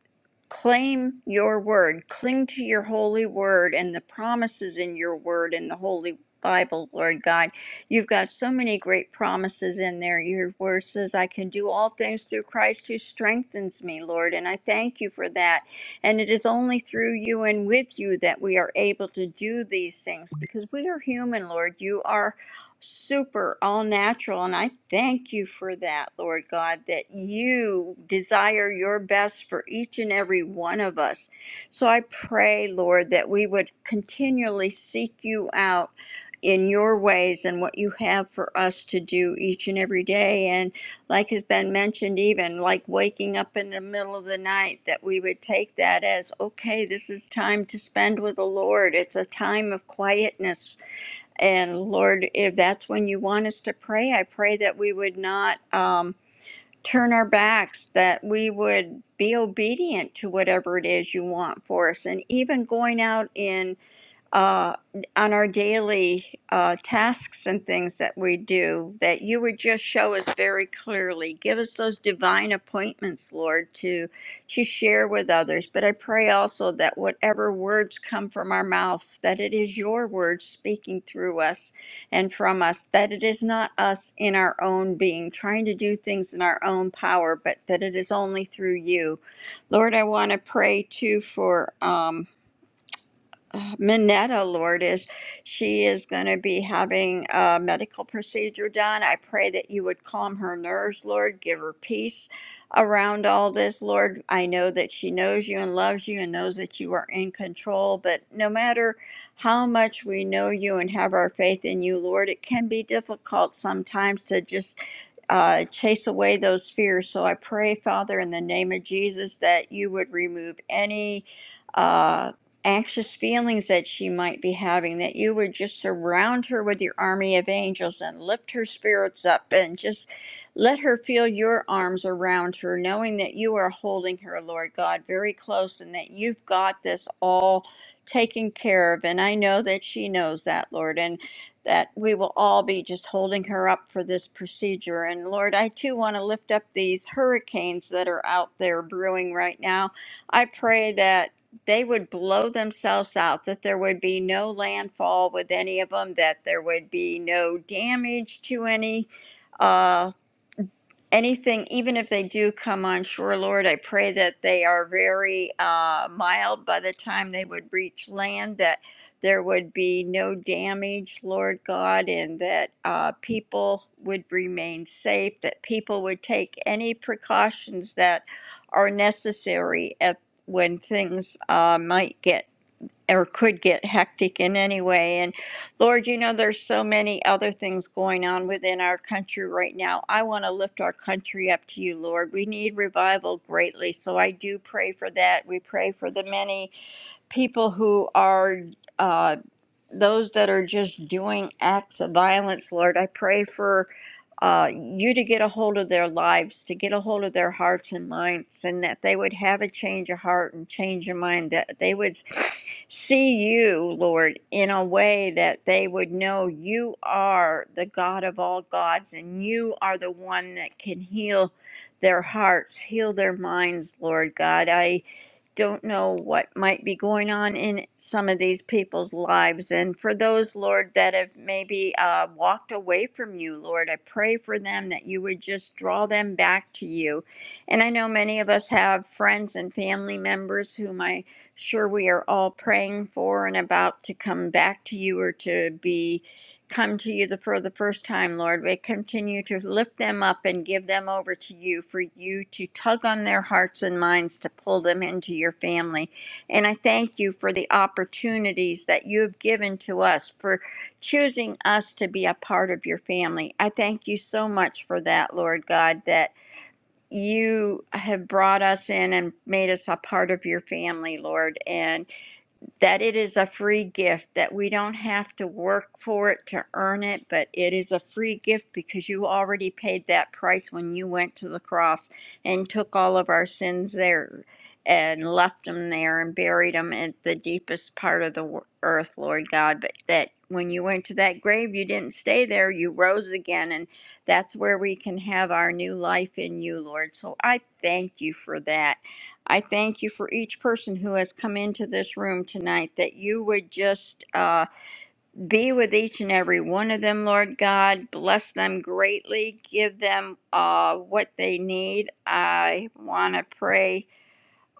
D: claim your word, cling to your holy word and the promises in your word and the holy Bible, Lord God. You've got so many great promises in there. Your word says, I can do all things through Christ who strengthens me, Lord. And I thank you for that. And it is only through you and with you that we are able to do these things because we are human, Lord. You are super all natural. And I thank you for that, Lord God, that you desire your best for each and every one of us. So I pray, Lord, that we would continually seek you out in your ways and what you have for us to do each and every day. And like has been mentioned, even like waking up in the middle of the night, that we would take that as okay, this is time to spend with the Lord. It's a time of quietness and Lord, if that's when you want us to pray, I pray that we would not um, turn our backs, that we would be obedient to whatever it is you want for us. And even going out in uh, on our daily uh, tasks and things that we do, that you would just show us very clearly. Give us those divine appointments, Lord, to to share with others. But I pray also that whatever words come from our mouths, that it is your words speaking through us and from us, that it is not us in our own being trying to do things in our own power, but that it is only through you. Lord, I want to pray too for. Um, uh, Minetta, Lord, is she is going to be having a medical procedure done. I pray that you would calm her nerves, Lord, give her peace around all this, Lord. I know that she knows you and loves you and knows that you are in control, but no matter how much we know you and have our faith in you, Lord, it can be difficult sometimes to just uh, chase away those fears. So I pray, Father, in the name of Jesus, that you would remove any. uh, anxious feelings that she might be having, that you would just surround her with your army of angels and lift her spirits up and just let her feel your arms around her, knowing that you are holding her, Lord God, very close and that you've got this all taken care of. And I know that she knows that, Lord, and that we will all be just holding her up for this procedure. And Lord, I too want to lift up these hurricanes that are out there brewing right now. I pray that they would blow themselves out, that there would be no landfall with any of them, that there would be no damage to any. Uh, anything, even if they do come on shore, Lord, I pray that they are very uh, mild by the time they would reach land, that there would be no damage, Lord God, and that uh, people would remain safe, that people would take any precautions that are necessary at when things uh, might get or could get hectic in any way. And Lord, you know, there's so many other things going on within our country right now. I want to lift our country up to you, Lord. We need revival greatly. So I do pray for that. We pray for the many people who are. uh, those that are just doing acts of violence, Lord. I pray for uh, you to get a hold of their lives, to get a hold of their hearts and minds, and that they would have a change of heart and change of mind, that they would see you, Lord, in a way that they would know you are the God of all gods and you are the one that can heal their hearts, heal their minds, Lord God. I don't know what might be going on in some of these people's lives. And for those, Lord, that have maybe uh, walked away from you, Lord, I pray for them that you would just draw them back to you. And I know many of us have friends and family members whom I sure we are all praying for and about to come back to you or to be come to you the, for the first time, Lord. We continue to lift them up and give them over to you for you to tug on their hearts and minds to pull them into your family. And I thank you for the opportunities that you have given to us for choosing us to be a part of your family. I thank you so much for that, Lord God, that you have brought us in and made us a part of your family, Lord. And that it is a free gift, that we don't have to work for it to earn it, but it is a free gift because you already paid that price when you went to the cross and took all of our sins there and left them there and buried them at the deepest part of the earth, Lord God. But that when you went to that grave, you didn't stay there, you rose again, and that's where we can have our new life in you, Lord. So I thank you for that. I thank you for each person who has come into this room tonight, that you would just uh, be with each and every one of them, Lord God. Bless them greatly. Give them uh, what they need. I want to pray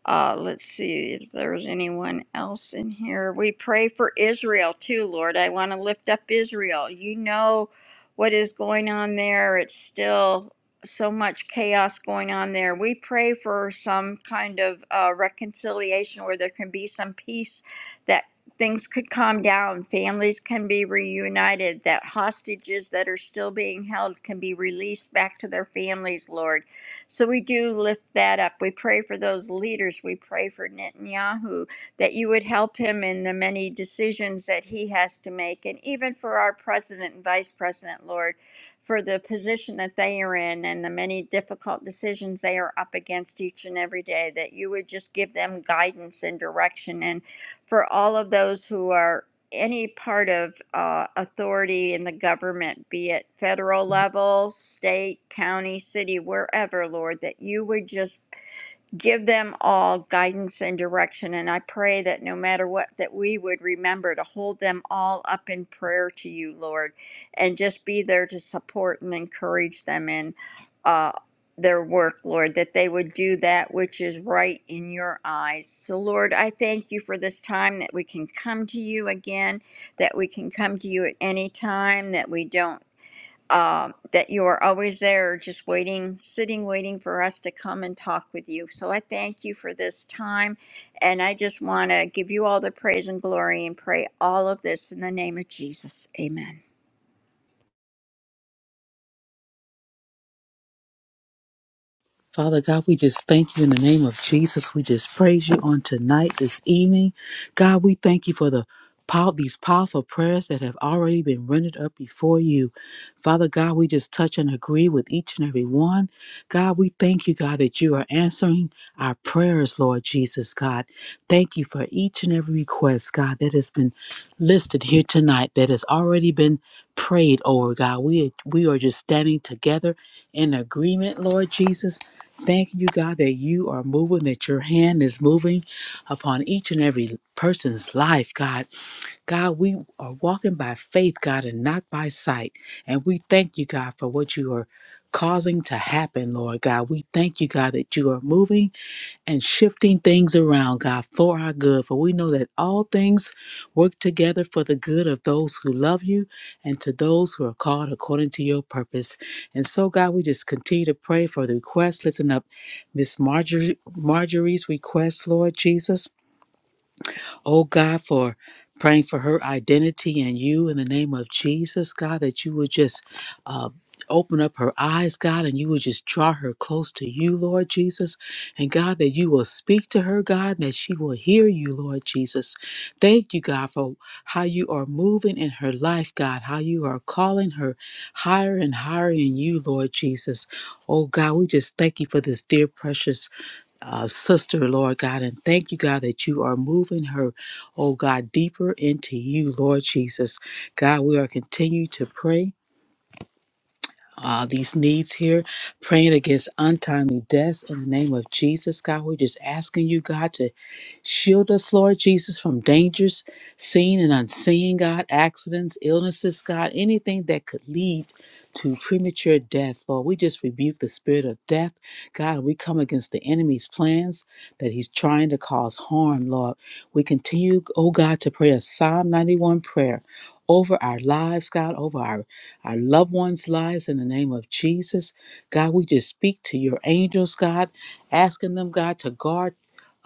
D: uh, let's see if there's anyone else in here. We pray for Israel too, Lord. I want to lift up Israel. You know what is going on there. It's still so much chaos going on there. We pray for some kind of uh, reconciliation where there can be some peace that things could calm down, families can be reunited, that hostages that are still being held can be released back to their families, Lord. So we do lift that up. We pray for those leaders. We pray for Netanyahu that you would help him in the many decisions that he has to make, and even for our president and vice president, Lord, for the position that they are in and the many difficult decisions they are up against each and every day, that you would just give them guidance and direction. And for all of those who are any part of uh, authority in the government, be it federal level, state, county, city, wherever, Lord, that you would just give them all guidance and direction and i pray that no matter what that we would remember to hold them all up in prayer to you lord and just be there to support and encourage them in uh, their work lord that they would do that which is right in your eyes so lord i thank you for this time that we can come to you again that we can come to you at any time that we don't um, that you are always there, just waiting, sitting, waiting for us to come and talk with you. So I thank you for this time. And I just want to give you all the praise and glory and pray all of this in the name of Jesus. Amen.
C: Father God, we just thank you in the name of Jesus. We just praise you on tonight, this evening. God, we thank you for the pow- these powerful prayers that have already been rendered up before you. Father God, we just touch and agree with each and every one. God, we thank you, God, that you are answering our prayers, Lord Jesus, God. Thank you for each and every request, God, that has been listed here tonight, that has already been prayed over, God. We, we are just standing together in agreement, Lord Jesus Thank you, God, that you are moving, that your hand is moving upon each and every person's life, God. God, we are walking by faith, God, and not by sight. And we thank you, God, for what you are causing to happen, Lord God. We thank you, God, that you are moving and shifting things around, God, for our good. For we know that all things work together for the good of those who love you and to those who are called according to your purpose. And so, God, we just continue to pray for the request, lifting up Miss Marjorie, Marjorie's request, Lord Jesus. Oh God, for praying for her identity and you in the name of Jesus, God, that you would just uh, open up her eyes, God, and you would just draw her close to you, Lord Jesus. And God, that you will speak to her, God, and that she will hear you, Lord Jesus. Thank you, God, for how you are moving in her life, God, how you are calling her higher and higher in you, Lord Jesus. Oh God, we just thank you for this dear, precious uh, sister, Lord God, and thank you, God, that you are moving her, oh God, deeper into you, Lord Jesus. God, we are continuing to pray uh, these needs here, praying against untimely deaths in the name of Jesus, God. We're just asking you, God, to shield us, Lord Jesus, from dangers seen and unseen, God, accidents, illnesses, God, anything that could lead to premature death, Lord. We just rebuke the spirit of death, God, and we come against the enemy's plans that he's trying to cause harm, Lord. We continue, oh God, to pray a Psalm 91 prayer over our lives, God, over our our loved ones' lives in the name of Jesus. God, we just speak to your angels, God, asking them, God, to guard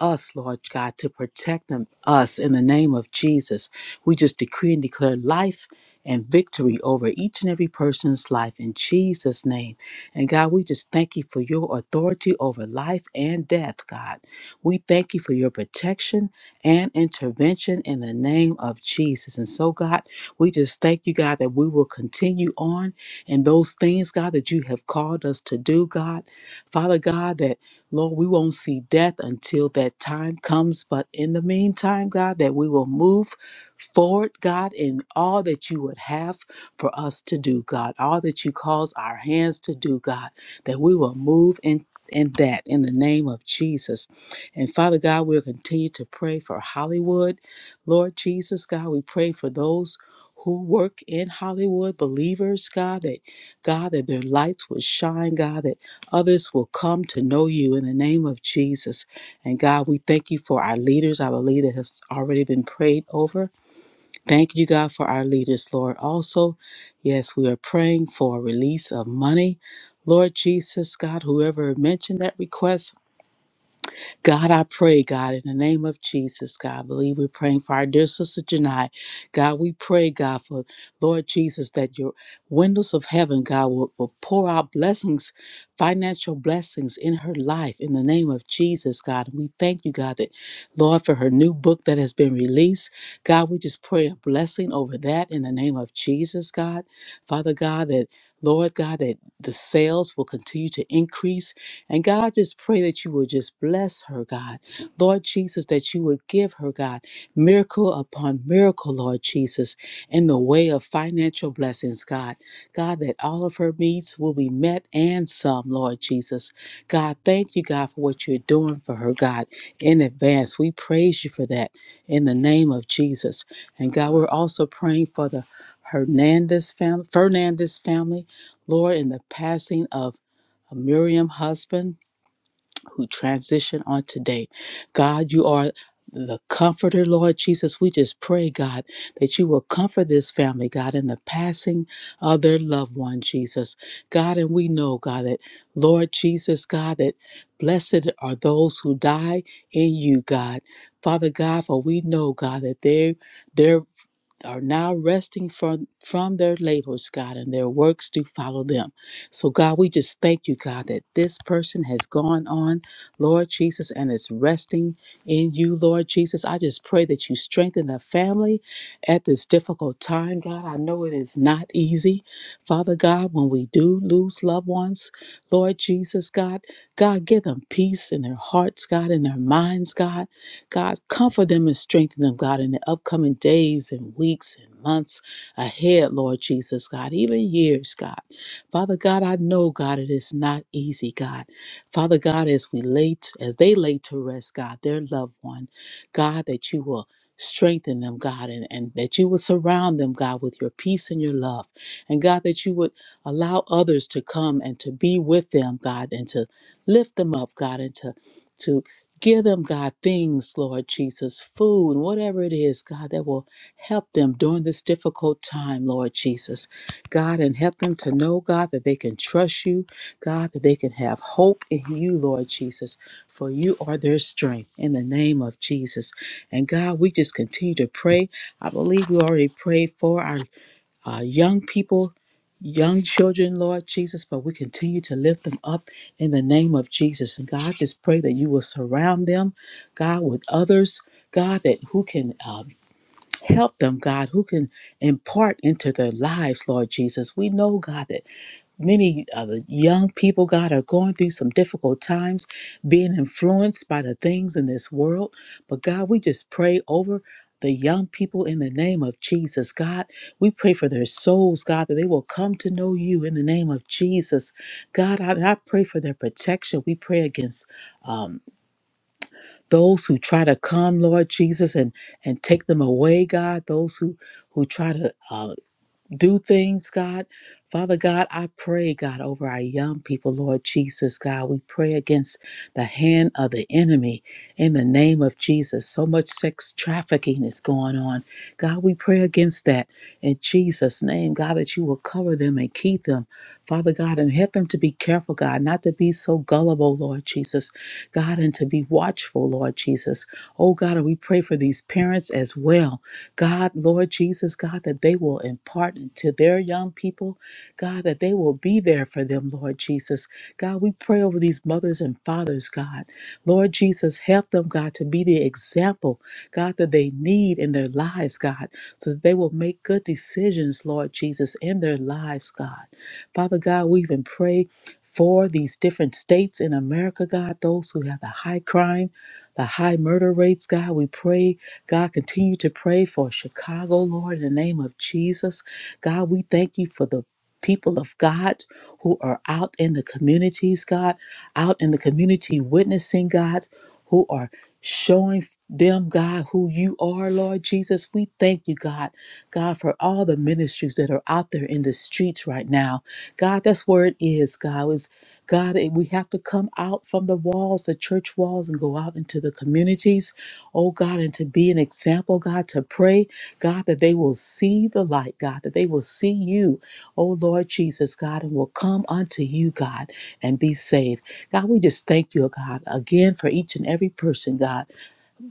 C: us, Lord God, to protect them, us in the name of Jesus. We just decree and declare life and victory over each and every person's life in Jesus' name. And God, we just thank you for your authority over life and death, God. We thank you for your protection and intervention in the name of Jesus. And so, God, we just thank you, God, that we will continue on in those things, God, that you have called us to do, God. Father God, that Lord, we won't see death until that time comes. But in the meantime, God, that we will move forward, God, in all that you would have for us to do, God, all that you cause our hands to do, God, that we will move in. In that, in the name of Jesus. And Father God, we'll continue to pray for Hollywood. Lord Jesus, God, we pray for those who work in Hollywood, believers, God, that God, that their lights will shine, God, that others will come to know you in the name of Jesus. And God, we thank you for our leaders. I believe that has already been prayed over. Thank you, God, for our leaders, Lord. Also, yes, we are praying for a release of money. Lord Jesus, God, whoever mentioned that request, God, I pray, God, in the name of Jesus, God, I believe we're praying for our dear sister Janai. God, we pray, God, for Lord Jesus, that your windows of heaven, God, will, will pour out blessings, financial blessings in her life in the name of Jesus, God. And we thank you, God, that Lord, for her new book that has been released. God, we just pray a blessing over that in the name of Jesus, God. Father God, that Lord God, that the sales will continue to increase and God, just pray that you would just bless her, God. Lord Jesus, that you would give her, God, miracle upon miracle, Lord Jesus, in the way of financial blessings, God. God, that all of her needs will be met and some, Lord Jesus. God, thank you, God, for what you're doing for her, God, in advance. We praise you for that in the name of Jesus. And God, we're also praying for the Hernandez family, Fernandez family, Lord, in the passing of Miriam husband who transition on today. God, you are the comforter, Lord Jesus. We just pray, God, that you will comfort this family, God, in the passing of their loved one, Jesus. God, and we know, God, that Lord Jesus, God, that blessed are those who die in you, God. Father God, for we know, God, that they, their are now resting from, from their labors, God, and their works do follow them. So, God, we just thank you, God, that this person has gone on, Lord Jesus, and is resting in you, Lord Jesus. I just pray that you strengthen the family at this difficult time, God. I know it is not easy, Father God, when we do lose loved ones, Lord Jesus, God. God, give them peace in their hearts, God, in their minds, God. God, comfort them and strengthen them, God, in the upcoming days and weeks and months ahead, Lord Jesus, God, even years, God. Father God, I know, God, it is not easy, God. Father God, as we lay, t- as they lay to rest, God, their loved one, God, that you will strengthen them, God, and, and that you will surround them, God, with your peace and your love. And God, that you would allow others to come and to be with them, God, and to lift them up, God, and to, to Give them, God, things, Lord Jesus, food whatever it is, God, that will help them during this difficult time, Lord Jesus. God, and help them to know, God, that they can trust you, God, that they can have hope in you, Lord Jesus, for you are their strength in the name of Jesus. And God, we just continue to pray. I believe we already prayed for our uh, young people, young children, Lord Jesus, but we continue to lift them up in the name of Jesus. And God, I just pray that you will surround them, God, with others, God, that who can um, help them, God, who can impart into their lives, Lord Jesus. We know, God, that many of the young people, God, are going through some difficult times, being influenced by the things in this world. But God, we just pray over the young people in the name of Jesus, God. We pray for their souls, God, that they will come to know you in the name of Jesus. God, I, I pray for their protection. We pray against um, those who try to come, Lord Jesus, and, and take them away, God, those who, who try to uh, do things, God. Father God, I pray, God, over our young people, Lord Jesus, God. We pray against the hand of the enemy in the name of Jesus. So much sex trafficking is going on. God, we pray against that in Jesus' name, God, that you will cover them and keep them, Father God, and help them to be careful, God, not to be so gullible, Lord Jesus, God, and to be watchful, Lord Jesus. Oh, God, and we pray for these parents as well. God, Lord Jesus, God, that they will impart to their young people, God, that they will be there for them, Lord Jesus. God, we pray over these mothers and fathers, God. Lord Jesus, help them, God, to be the example, God, that they need in their lives, God, so that they will make good decisions, Lord Jesus, in their lives, God. Father God, we even pray. For these different states in America, God, those who have the high crime, the high murder rates, God, we pray God, continue to pray for Chicago, Lord, in the name of Jesus. God, we thank you for the people of God who are out in the communities, God, out in the community witnessing, God, who are showing them, God, who you are, Lord Jesus. We thank you, God, God, for all the ministries that are out there in the streets right now. God, that's where it is, God. Is God, eh, we have to come out from the walls, the church walls, and go out into the communities oh God, and to be an example, God, to pray, God, that they will see the light, God, that they will see you, oh Lord Jesus, God, and will come unto you, God, and be saved. God, we just thank you, oh God, again for each and every person, God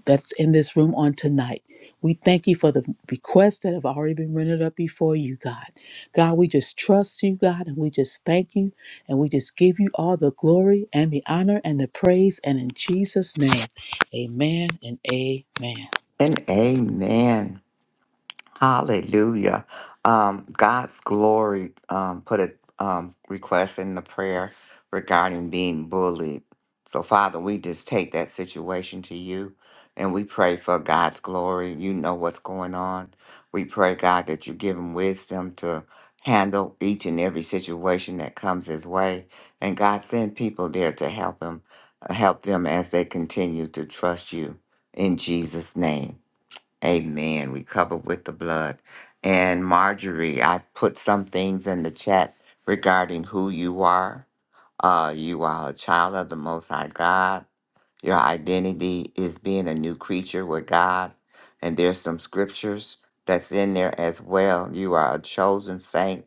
C: that's in this room on tonight. We thank you for the requests that have already been rendered up before you, God. God, we just trust you, God, and we just thank you, and we just give you all the glory and the honor and the praise, and in Jesus' name, amen and amen.
A: And amen. Hallelujah. Um, God's glory um, put a um, request in the prayer regarding being bullied. So, Father, we just take that situation to you and we pray for God's glory. You know what's going on. We pray, God, that you give him wisdom to handle each and every situation that comes his way. And God, send people there to help him, help them as they continue to trust you in Jesus' name. Amen. We cover with the blood. And Marjorie, I put some things in the chat regarding who you are. Uh, you are a child of the Most High God. Your identity is being a new creature with God. And there's some scriptures that's in there as well. You are a chosen saint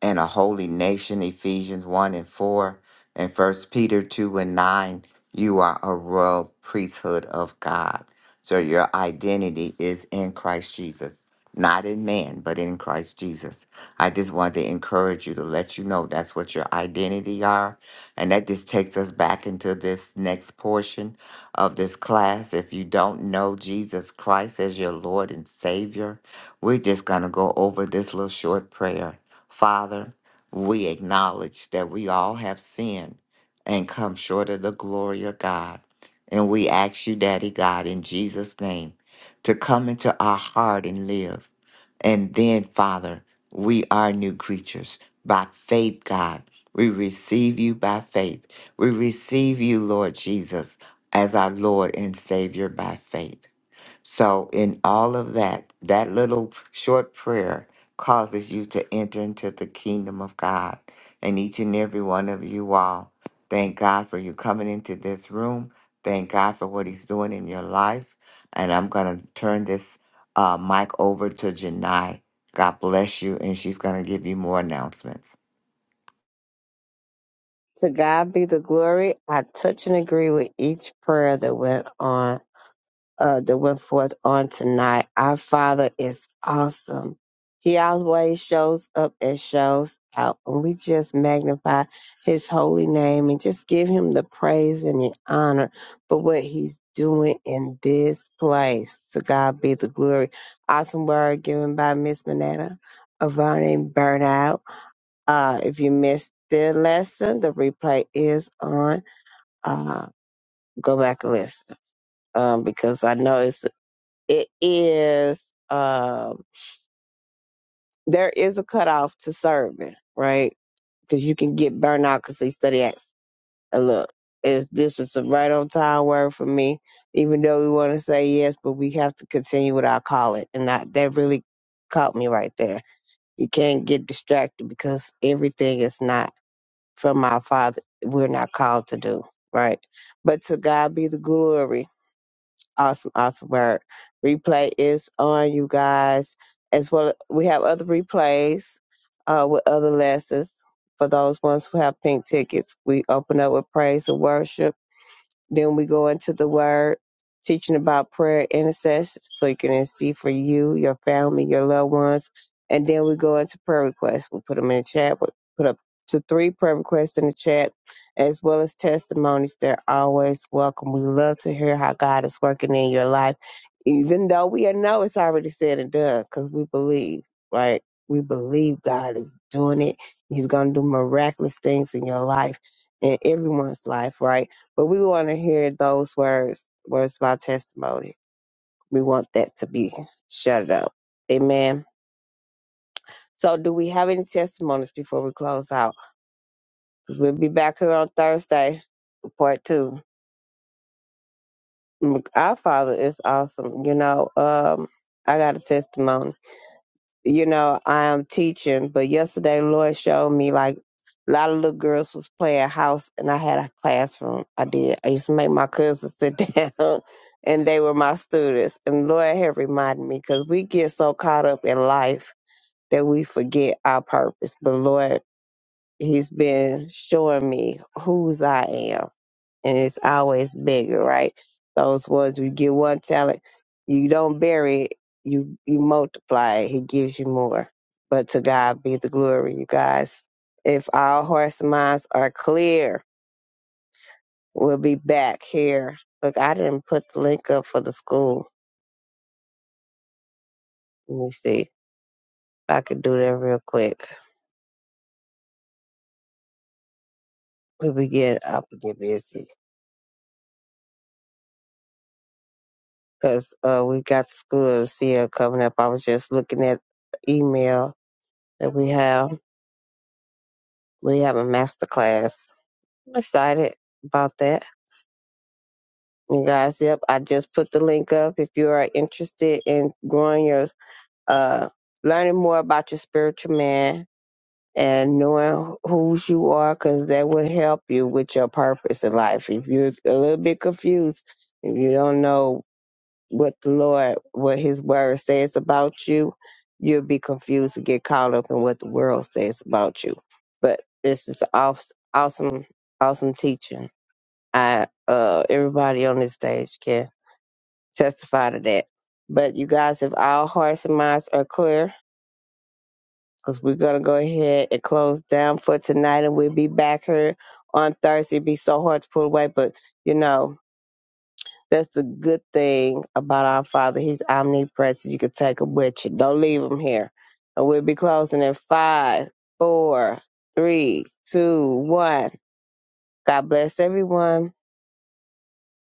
A: and a holy nation, Ephesians 1 and 4, and First Peter 2 and 9, you are a royal priesthood of God. So your identity is in Christ Jesus, not in man, but in Christ Jesus. I just wanted to encourage you to let you know that's what your identity are. And that just takes us back into this next portion of this class. If you don't know Jesus Christ as your Lord and Savior, we're just going to go over this little short prayer Father, we acknowledge that we all have sinned and come short of the glory of God. And we ask you, Daddy God, in Jesus' name, to come into our heart and live. And then, Father, we are new creatures by faith, God. We receive you by faith. We receive you, Lord Jesus, as our Lord and Savior by faith. So, in all of that, that little short prayer causes you to enter into the kingdom of God. And each and every one of you all, thank God for you coming into this room. Thank God for what He's doing in your life. And I'm going to turn this uh, mic over to Janai. God bless you. And she's going to give you more announcements.
B: To God be the glory. I touch and agree with each prayer that went on. uh, that went forth on tonight. Our Father is awesome. He always shows up and shows out. And we just magnify his holy name and just give him the praise and the honor for what he's doing in this place. To God be the glory. Awesome word given by Miss Manetta Avani Burnout. Uh, if you missed the lesson, the replay is on. Uh, go back and listen um, because I know it's it is um there is a cutoff to serving, right? Because you can get burnt out because they study acts. And look, if this is a right on time word for me, even though we want to say yes, but we have to continue with our calling. And that, that really caught me right there. You can't get distracted because everything is not from our Father. We're not called to do, right? But to God be the glory Awesome, awesome work. Replay is on, you guys. As well, we have other replays uh, with other lessons. For those ones who have pink tickets, we open up with praise and worship. Then we go into the word, teaching about prayer intercession, so you can intercede for you, your family, your loved ones. And then we go into prayer requests. We put them in the chat. We put up to three prayer requests in the chat, as well as testimonies. They're always welcome. We love to hear how God is working in your life, even though we know it's already said and done, because we believe, right? We believe God is doing it. He's going to do miraculous things in your life, in everyone's life, right? But we want to hear those words, words of our testimony. We want that to be shut up. Amen. So, do we have any testimonies before we close out? Because we'll be back here on Thursday, for part two. Mm, Our Father is awesome. You know, um, I got a testimony. you know, I'm teaching, but yesterday Lord showed me like a lot of little girls was playing house and I had a classroom. I did. I used to make my cousins sit (laughs) down and they were my students. And Lord had reminded me because we get so caught up in life that we forget our purpose. But Lord, He's been showing me whose I am and it's always bigger, right? Those ones you get one talent, you don't bury it, you you multiply it. He gives you more. But to God be the glory, you guys. If all hearts and minds are clear, we'll be back here. Look, I didn't put the link up for the school. Let me see if I can do that real quick. We begin up and get busy because uh, we got the school of CL coming up. I was just looking at the email that we have. We have a master class I'm excited about that. You guys, yep, I just put the link up. If you are interested in growing your, uh, learning more about your spiritual man and knowing whose you are, because that will help you with your purpose in life. If you're a little bit confused, if you don't know what the Lord, what His Word says about you, you'll be confused and get caught up in what the world says about you. But this is awes- awesome, awesome teaching. I uh everybody on this stage can testify to that. But you guys, if all hearts and minds are clear, because we're gonna go ahead and close down for tonight, and we'll be back here on Thursday. It'd be so hard to pull away, but you know that's the good thing about our Father. He's omnipresent. You can take him with you. Don't leave him here. And we'll be closing in five, four, three, two, one. God bless everyone.